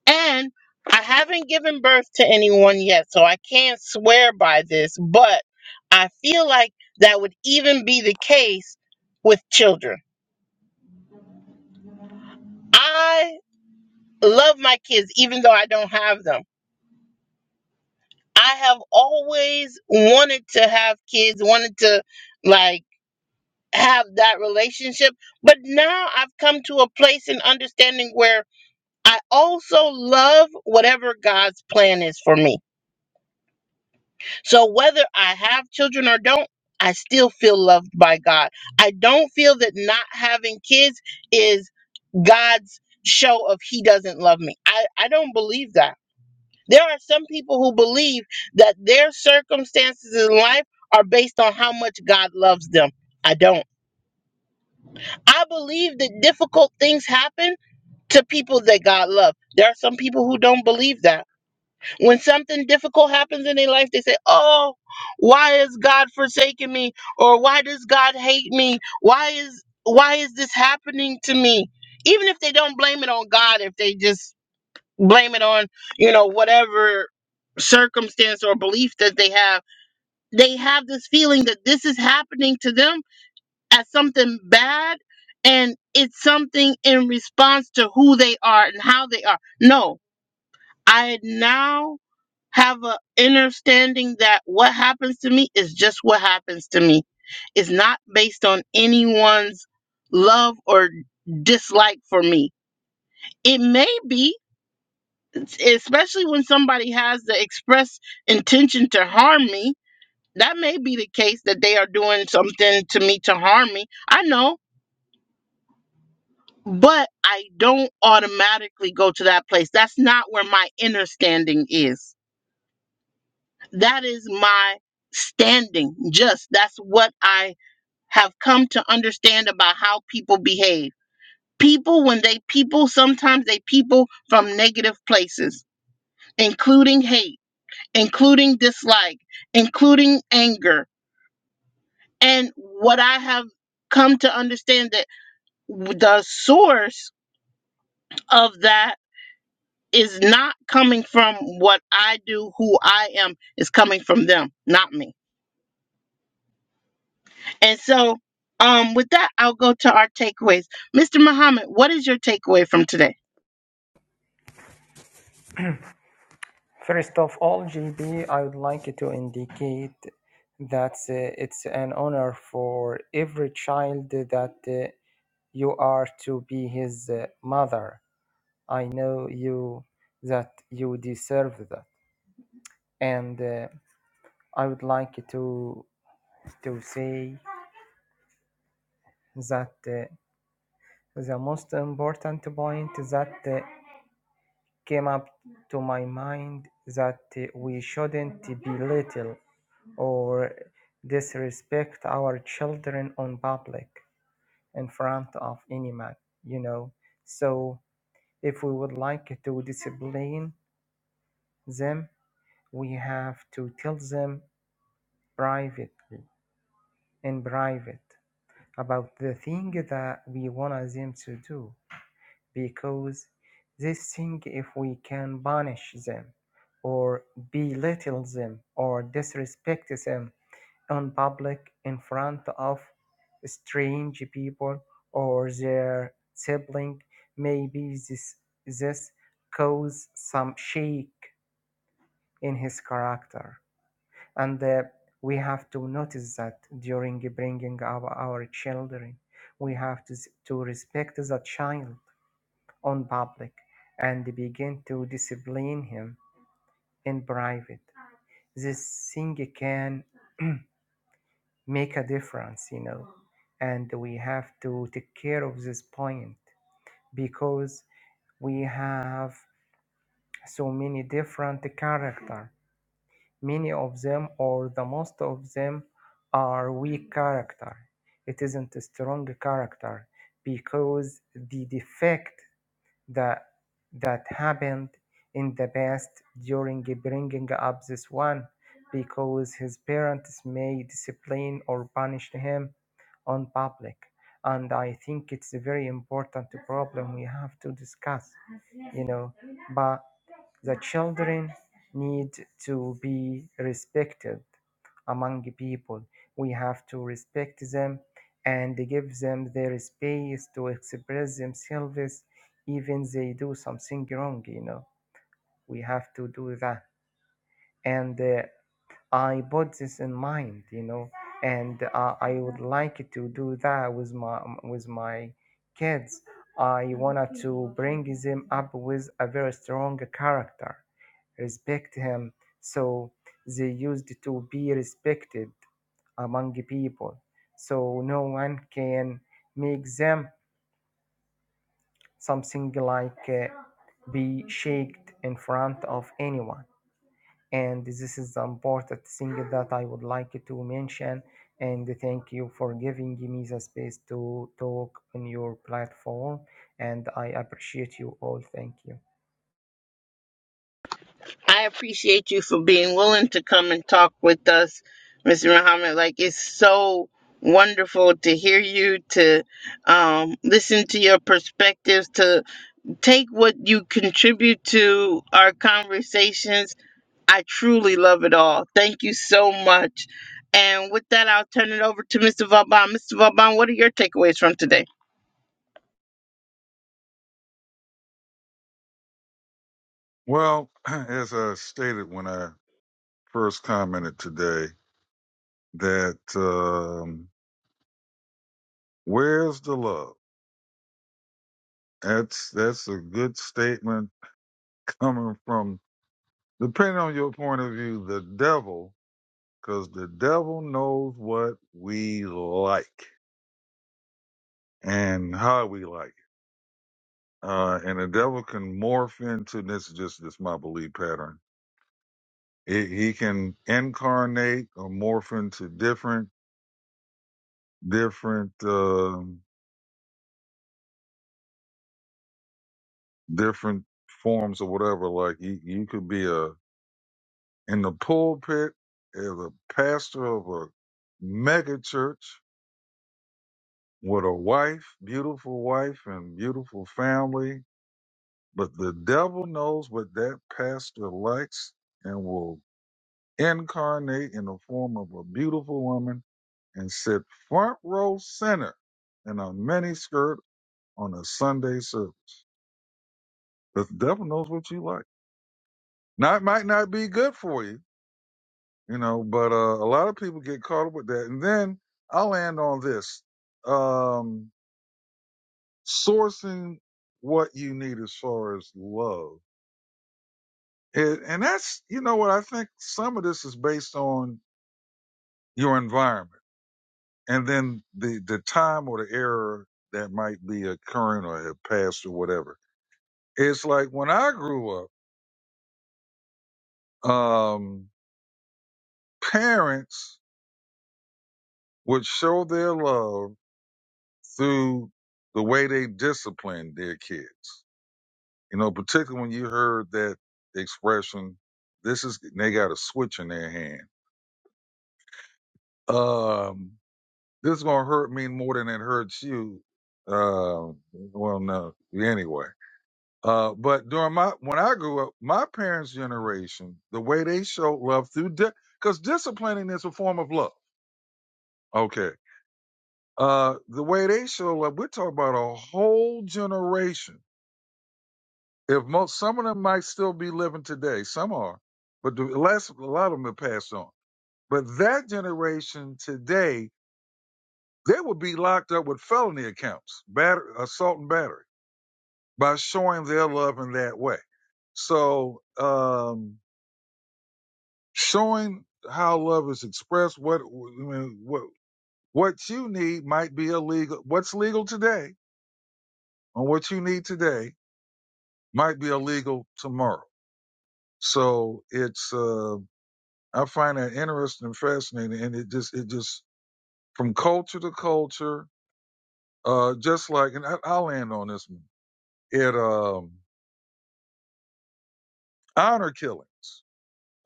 [SPEAKER 1] And I haven't given birth to anyone yet, so I can't swear by this, but I feel like that would even be the case with children. I. love my kids even though I don't have them. I have always wanted to have kids, wanted to like have that relationship, but now I've come to a place in understanding where I also love whatever God's plan is for me. So whether I have children or don't, I still feel loved by God. I don't feel that not having kids is God's show of he doesn't love me. I I don't believe that. There are some people who believe that their circumstances in life are based on how much God loves them. I don't. I believe that difficult things happen to people that God loves. There are some people who don't believe that. When something difficult happens in their life, they say, Oh, why is God forsaking me? Or why does God hate me? Why is why is this happening to me? Even if they don't blame it on God, if they just blame it on you know whatever circumstance or belief that they have they have this feeling that this is happening to them as something bad and it's something in response to who they are and how they are no i now have a understanding that what happens to me is just what happens to me it's not based on anyone's love or dislike for me it may be It's- especially when somebody has the express intention to harm me. That may be the case that they are doing something to me to harm me. I know, but I don't automatically go to that place. That's not where my inner standing is. That is my standing. Just that's what I have come to understand about how people behave. People, when they people, sometimes they people from negative places, including hate including dislike, including anger. And what I have come to understand that the source of that is not coming from what I do, who I am, is coming from them, not me. And so um with that I'll go to our takeaways. Mr. Muhammad, what is your takeaway from today?
[SPEAKER 2] First of all, JB, I would like to indicate that uh, it's an honor for every child that uh, you are to be his uh, mother. I know you that you deserve that, and uh, I would like to to say that uh, the most important point that uh, came up to my mind that uh, we shouldn't belittle or disrespect our children on public in front of any man, you know. So if we would like to discipline them, we have to tell them privately, in private, about the thing that we want them to do, because this thing, if we can punish them or belittle them or disrespect them in public in front of strange people or their sibling. Maybe this, this caused some shake in his character. And uh, we have to notice that during bringing up our children, we have to, to respect the child on public and begin to discipline him in private. This thing can make a difference, you know. And we have to take care of this point because we have so many different character. Many of them or the most of them are weak character. It isn't a strong character because the defect that that happened in the past during bringing up this one because his parents may discipline or punish him on public and i think it's a very important problem we have to discuss you know but the children need to be respected among people. We have to respect them and give them their space to express themselves, even they do something wrong. You know, we have to do that. And uh, I put this in mind. You know, and uh, I would like to do that with my with my kids. I wanted to bring them up with a very strong character respect him. So they used to be respected among people. So no one can make them something like uh, be shaked in front of anyone. And this is the important thing that I would like to mention. And thank you for giving me the space to talk on your platform. And I appreciate you all. Thank you.
[SPEAKER 1] I appreciate you for being willing to come and talk with us, Mr. Muhammad. Like it's so wonderful to hear you, to um, listen to your perspectives, to take what you contribute to our conversations. I truly love it all. Thank you so much. And with that, I'll turn it over to Mr. Vauban. Mr. Vauban, what are your takeaways from today?
[SPEAKER 3] Well, as I stated when I first commented today, that um, where's the love? That's that's a good statement coming from, depending on your point of view, the devil, because the devil knows what we like and how we like. uh, and the devil can morph into this. Is just this my belief pattern. He he can incarnate or morph into different different um different forms or whatever. Like you, you could be a in the pulpit as a pastor of a mega church with a wife, beautiful wife, and beautiful family. But the devil knows what that pastor likes and will incarnate in the form of a beautiful woman and sit front row center in a mini skirt on a Sunday service. The devil knows what you like. Now it might not be good for you, you know, but uh, a lot of people get caught up with that. And then I'll end on this: um, sourcing what you need as far as love, and, and that's you know what I think. Some of this is based on your environment, and then the the time or the era that might be occurring or have passed or whatever It's like when I grew up, um, parents would show their love through the way they disciplined their kids. You know, particularly when you heard that expression, this is, they got a switch in their hand. Um, this is going to hurt me more than it hurts you. Uh, well, no, anyway. Uh, but during my, when I grew up, my parents' generation, the way they showed love through, because disciplining is a form of love. Okay Uh, the way they show up, we're talking about a whole generation. If most, some of them might still be living today, some are, but the less, a lot of them have passed on. But that generation today, they would be locked up with felony accounts, batter, assault and battery, by showing their love in that way. So, um, showing how love is expressed, what, I mean, what, what you need might be illegal. What's legal today on what you need today might be illegal tomorrow. So it's uh, I find that interesting and fascinating, and it just it just from culture to culture, uh, just like and I, I'll land on this one. It um, honor killings,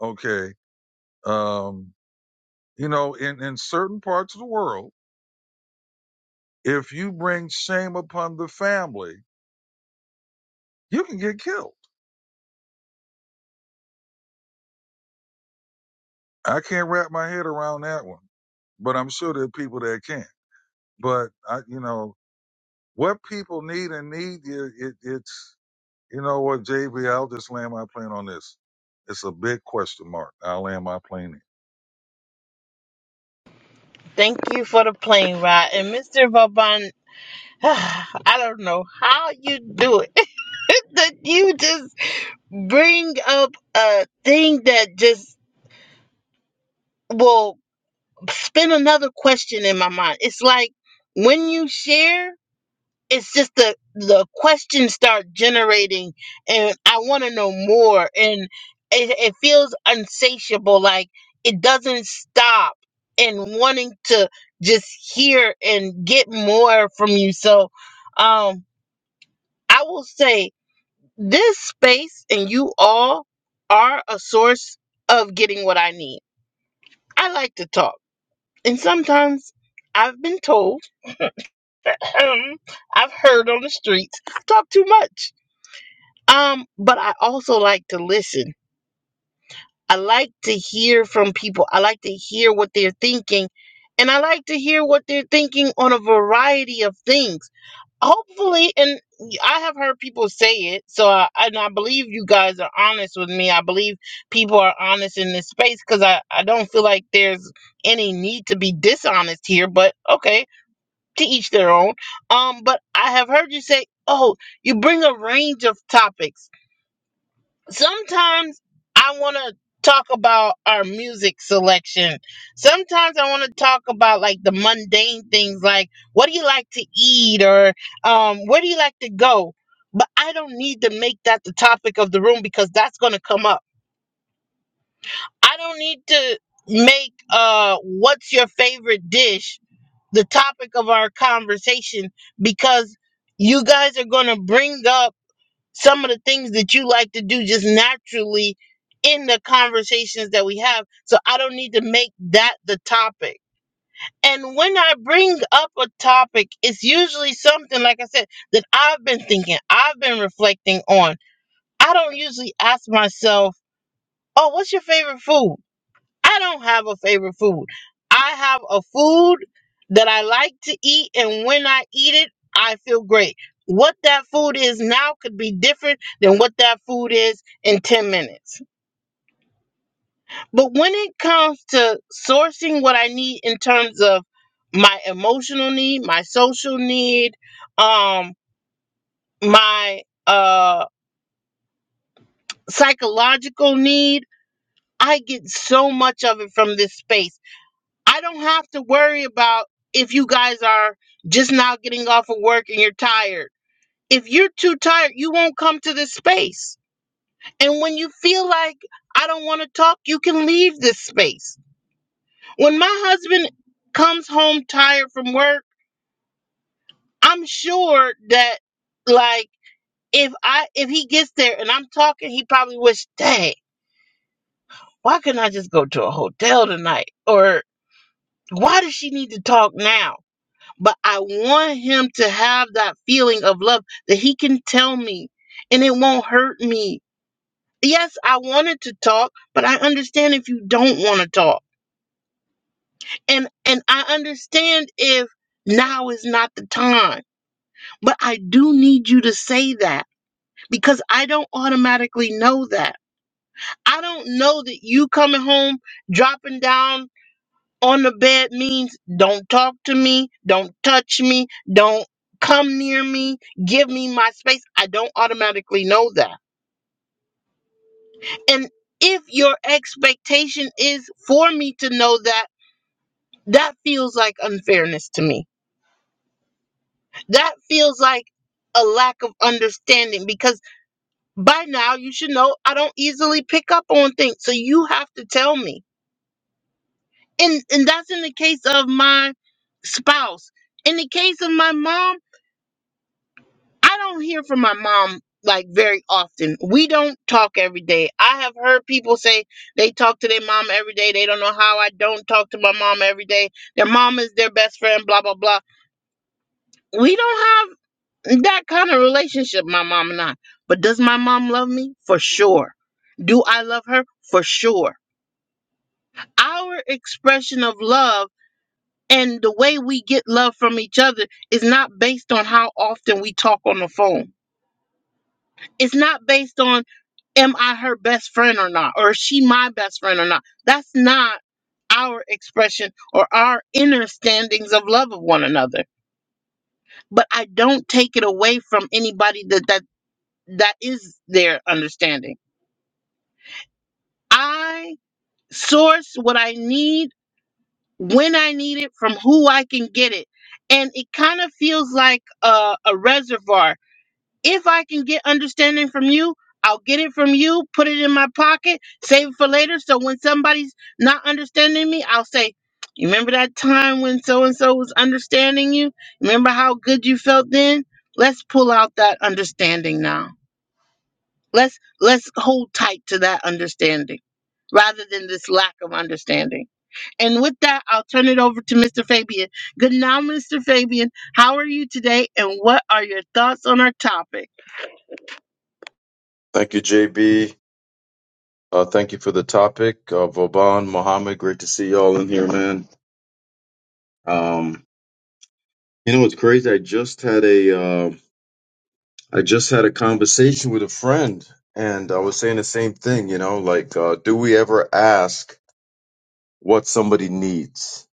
[SPEAKER 3] okay, um, you know, in in certain parts of the world, if you bring shame upon the family, you can get killed. I can't wrap my head around that one, but I'm sure there are people that can. But I, you know, What people need and need, it, it, it's, you know what, JB, I'll just land my plane on this. It's a big question mark. I'll land my plane
[SPEAKER 1] Thank you for the plane ride. And Mr. Vauban, I don't know how you do it. that you just bring up a thing that just will spin another question in my mind. It's like when you share, it's just the the questions start generating, and I want to know more, and it, it feels unsatiable. Like it doesn't stop, and wanting to just hear and get more from you. So, um, I will say This space and you all are a source of getting what I need. I like to talk, and sometimes I've been told, um, I've heard on the streets, I talk too much. Um, but I also like to listen. I like to hear from people. I like to hear what they're thinking, and I like to hear what they're thinking on a variety of things. hopefully and i have heard people say it so I, and i believe you guys are honest with me i believe people are honest in this space because I, I don't feel like there's any need to be dishonest here but okay to each their own um but i have heard you say oh you bring a range of topics sometimes I want to talk about our music selection. Sometimes I want to talk about like the mundane things like what do you like to eat or um where do you like to go? But I don't need to make that the topic of the room because that's going to come up. I don't need to make uh what's your favorite dish the topic of our conversation because you guys are going to bring up some of the things that you like to do just naturally in the conversations that we have. So I don't need to make that the topic. And when I bring up a topic, it's usually something, like I said, that I've been thinking, I've been reflecting on. I don't usually ask myself, oh, what's your favorite food? I don't have a favorite food. I have a food that I like to eat, and when I eat it, I feel great. What that food is now could be different than what that food is in 10 minutes. But when it comes to sourcing what I need in terms of my emotional need, my social need, um, my uh, psychological need, I get so much of it from this space I don't have to worry about if you guys are just now getting off of work and you're tired. If you're too tired, you won't come to this space. And when you feel like I don't want to talk, you can leave this space. When my husband comes home tired from work, I'm sure that like if I if he gets there and I'm talking, he probably wish, dang, why couldn't I just go to a hotel tonight? Or why does she need to talk now? but I want him to have that feeling of love that he can tell me and it won't hurt me. Yes, I wanted to talk, but I understand if you don't want to talk. And and I understand if now is not the time. But I do need you to say that because I don't automatically know that. I don't know that you coming home dropping down on the bed means don't talk to me, don't touch me, don't come near me, give me my space. I don't automatically know that. And if your expectation is for me to know that, that feels like unfairness to me. That feels like a lack of understanding because by now you should know I don't easily pick up on things. So you have to tell me. And and that's in the case of my spouse. In the case of my mom, I don't hear from my mom like very often. We don't talk every day. I have heard people say they talk to their mom every day. They don't know how I don't talk to my mom every day. Their mom is their best friend, blah, blah, blah. We don't have that kind of relationship, my mom and I. But does my mom love me? For sure. Do I love her? For sure. Our expression of love and the way we get love from each other is not based on how often we talk on the phone. It's not based on am I her best friend or not? Or is she my best friend or not? That's not our expression or our inner standings of love of one another. But I don't take it away from anybody that that, that is their understanding. I source what I need when I need it from who I can get it. And it kind of feels like a, a reservoir If I can get understanding from you, I'll get it from you, put it in my pocket, save it for later. So when somebody's not understanding me, I'll say, You remember that time when so and so was understanding you? Remember how good you felt then? Let's pull out that understanding now. Let's let's hold tight to that understanding rather than this lack of understanding. And with that, I'll turn it over to Mr. Fabian. Good now, Mr. Fabian. How are you today and what are your thoughts on our topic?
[SPEAKER 8] Thank you, JB. Uh, thank you for the topic. Uh, Vauban, Mohammed, great to see y'all in here, man. Um, you know, it's crazy. I just had a, uh, I just had a conversation with a friend, and I was saying the same thing. You know, like, uh, do we ever ask what somebody needs?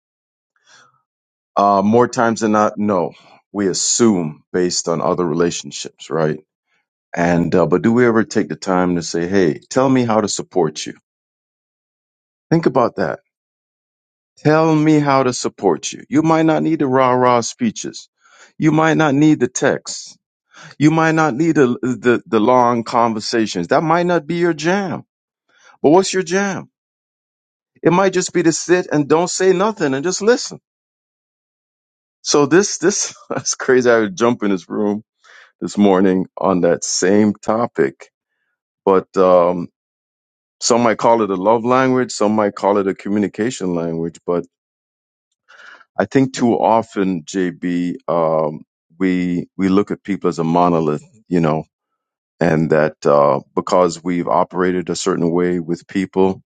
[SPEAKER 8] Uh, more times than not, no. We assume based on other relationships, right? And uh, but do we ever take the time to say, "Hey, tell me how to support you"? Think about that Tell me how to support you. You might not need the rah rah speeches. You might not need the texts. You might not need the, the, the long conversations. That might not be your jam. But what's your jam? It might just be to sit and don't say nothing and just listen. So this, this, that's crazy. I would jump in this room this morning on that same topic, but, um, some might call it a love language. Some might call it a communication language, But I think too often, JB, um, we we look at people as a monolith, you know, and that uh, because we've operated a certain way with people,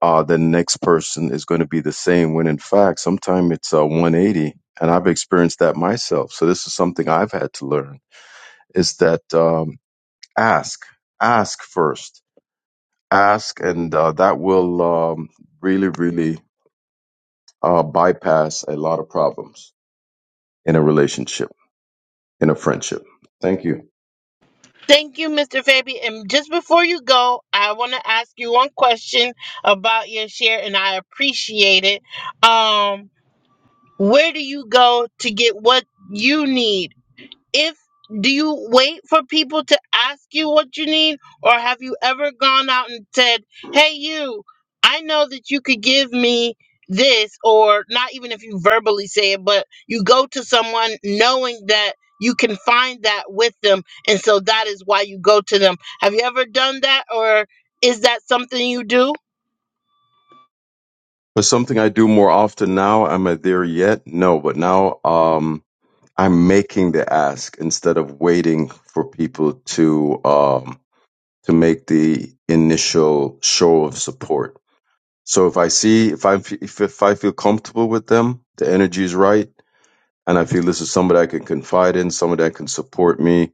[SPEAKER 8] uh, the next person is going to be the same. When in fact, sometimes it's uh, 180, and I've experienced that myself. So this is something I've had to learn: is that um, ask, ask first, ask, and uh, that will um, really, really uh, bypass a lot of problems in a relationship. in a friendship. Thank you.
[SPEAKER 1] Thank you, Mr. Fabi. And just before you go, I want to ask you one question about your share, and I appreciate it. Um, where do you go to get what you need if do you wait for people to ask you what you need or have you ever gone out and said hey you i know that you could give me this or not even if you verbally say it but you go to someone knowing that you can find that with them and so that is why you go to them have you ever done that or is that something you do
[SPEAKER 8] But something I do more often now, am I there yet? No, but now um, I'm making the ask instead of waiting for people to um, to make the initial show of support. So if I see if I if, if I feel comfortable with them, the energy is right, and I feel this is somebody I can confide in, somebody that can support me,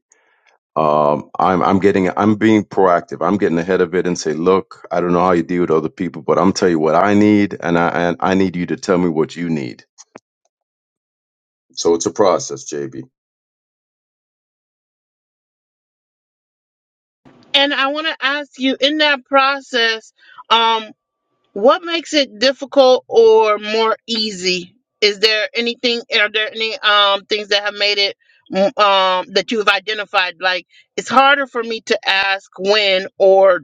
[SPEAKER 8] Um, I'm I'm getting I'm being proactive. I'm getting ahead of it and say, look, I don't know how you deal with other people, but I'm tell you what I need, and I and I need you to tell me what you need. So it's a process, JB.
[SPEAKER 1] and i want to ask you in that process um. What makes it difficult or more easy? Is there anything? Are there any um things that have made it mm, um that you have identified? Like it's harder for me to ask when or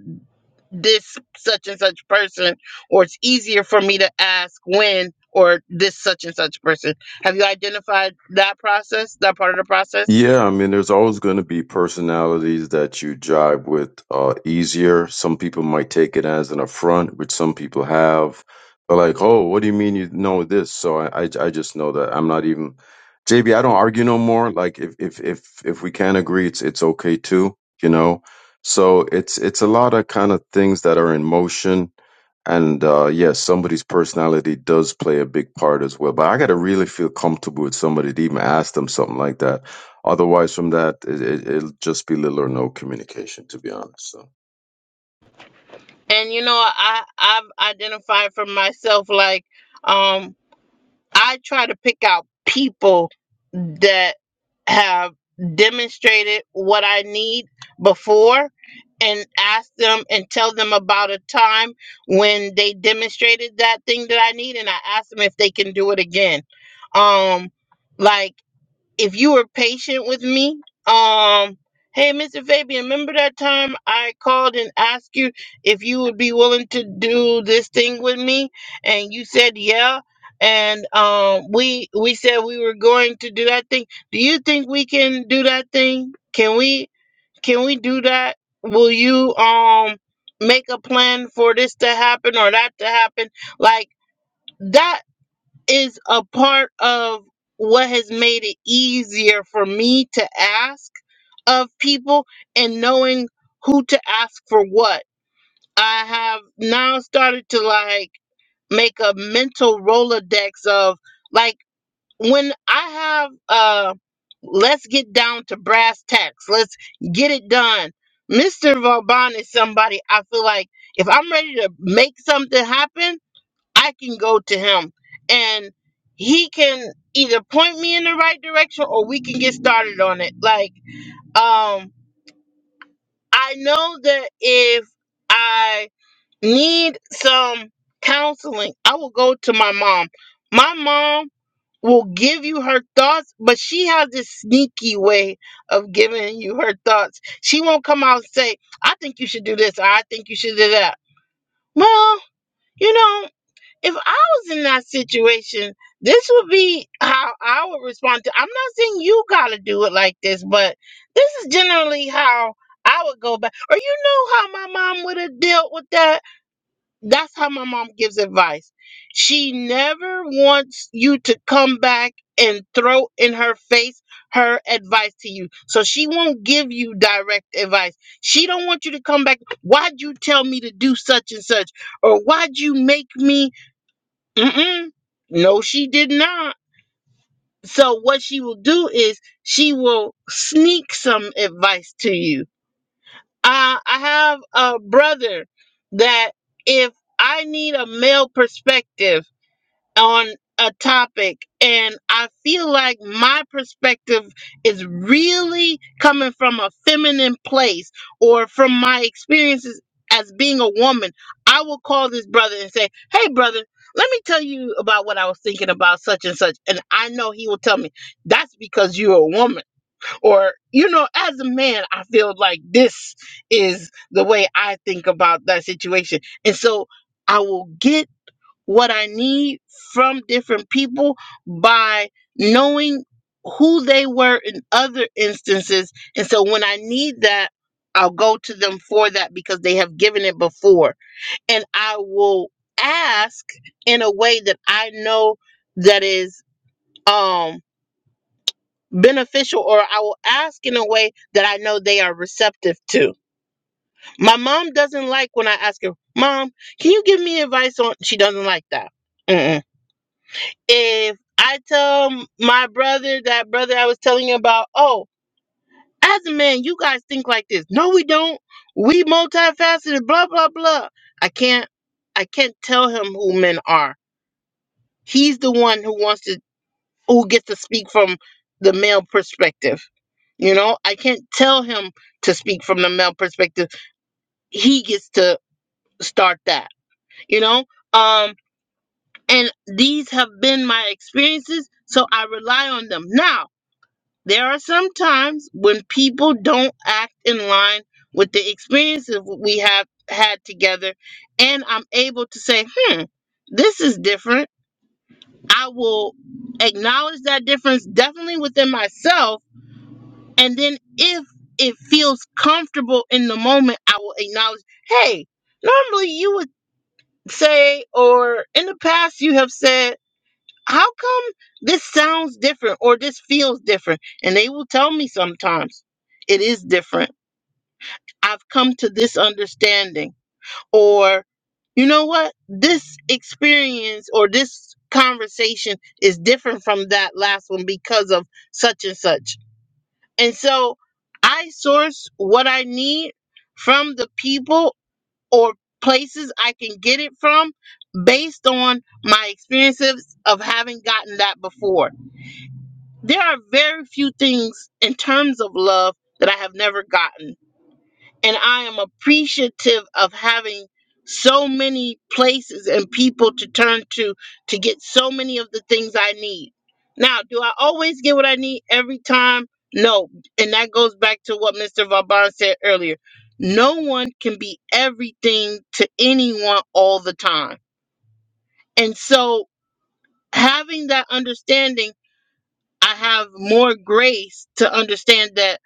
[SPEAKER 1] this such and such person, or it's easier for me to ask when or this such and such person. Have you identified that process? That part of the process?
[SPEAKER 8] Yeah, I mean, there's always going to be personalities that you jive with uh, easier. Some people might take it as an affront, which some people have. They're like, "Oh, what do you mean you know this?" So I, I, I just know that I'm not even JB. I don't argue no more. Like if if if if we can't agree, it's it's okay too, you know. So it's it's a lot of kind of things that are in motion and uh, yes, somebody's personality does play a big part as well. But I got to really feel comfortable with somebody to even ask them something like that. Otherwise, from that, it, it, it'll just be little or no communication, to be honest. So.
[SPEAKER 1] And you know, I I've identified for myself like um I try to pick out people that have demonstrated what I need before and ask them and tell them about a time when they demonstrated that thing that I need and I ask them if they can do it again. Um like if you were patient with me, um, hey, Mr. Fabian, remember that time I called and asked you if you would be willing to do this thing with me, and you said yeah, and um, we we said we were going to do that thing. Do you think we can do that thing? Can we can we do that? Will you um make a plan for this to happen or that to happen? Like that is a part of what has made it easier for me to ask of people and knowing who to ask for what. I have now started to like make a mental Rolodex of like when I have uh let's get down to brass tacks. Let's get it done. Mr. Vauban is somebody I feel like if I'm ready to make something happen, I can go to him and he can either point me in the right direction or we can get started on it. Like, um, I know that if I need some counseling, I will go to my mom. My mom will give you her thoughts, but she has this sneaky way of giving you her thoughts. She won't come out and say, I think you should do this or I think you should do that. Well, you know. if I was in that situation, this would be how I would respond to. I'm not saying you gotta do it like this, but this is generally how I would go back. Or you know how my mom would have dealt with that. That's how my mom gives advice. She never wants you to come back and throw in her face her advice to you. So she won't give you direct advice. She don't want you to come back. Why'd you tell me to do such and such? Or why'd you make me? Mm-mm. No, she did not. So what she will do is she will sneak some advice to you. Uh, I have a brother that if I need a male perspective, on a topic and I feel like my perspective is really coming from a feminine place or from my experiences as being a woman, I will call this brother and say, Hey, brother, let me tell you about what I was thinking about such and such. And I know he will tell me, That's because you're a woman. Or, you know, as a man, I feel like this is the way I think about that situation. And so I will get what I need from different people by knowing who they were in other instances. And so when I need that, I'll go to them for that because they have given it before. And I will ask in a way that I know that is um beneficial or I will ask in a way that I know they are receptive to. My mom doesn't like when I ask her, "Mom, can you give me advice on?" She doesn't like that. Mm-mm if I tell m- my brother that brother I was telling you about, oh, as a man, you guys think like this. No, we don't. We multifaceted, blah, blah, blah. I can't I can't tell him who men are. He's the one who wants to who gets to speak from the male perspective. You know, I can't tell him to speak from the male perspective. He gets to start that, you know? Um and these have been my experiences, so I rely on them. Now There are some times when people don't act in line with the experiences we have had together, and I'm able to say, hmm, this is different. I will acknowledge that difference definitely within myself. And then if it feels comfortable in the moment, I will acknowledge, hey, normally you would say, or in the past you have said, how come this sounds different or this feels different? And they will tell me sometimes it is different. I've come to this understanding, or you know what? This experience or this conversation is different from that last one because of such and such. And so I source what I need from the people or places I can get it from based on my experiences of having gotten that before There are very few things in terms of love that I have never gotten. And I am appreciative of having so many places and people to turn to to get so many of the things I need. Now, do I always get what I need every time? No. And that goes back to what Mr. Vauban said earlier. No one can be everything to anyone all the time. And so having that understanding, I have more grace to understand that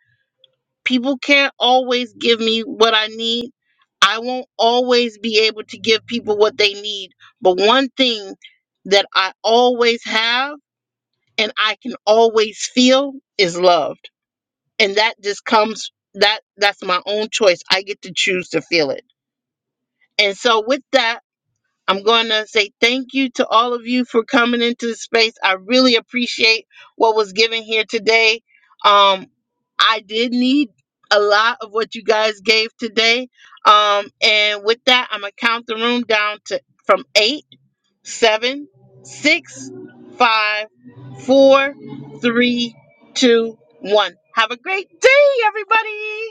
[SPEAKER 1] people can't always give me what I need. I won't always be able to give people what they need. But one thing that I always have and I can always feel is loved. And that just comes that that's my own choice. I get to choose to feel it. And so with that I'm going to say thank you to all of you for coming into the space. I really appreciate what was given here today. Um, I did need a lot of what you guys gave today. Um, and with that, I'm gonna count the room down to from eight, seven, six, five, four, three, two, one. Have a great day, everybody.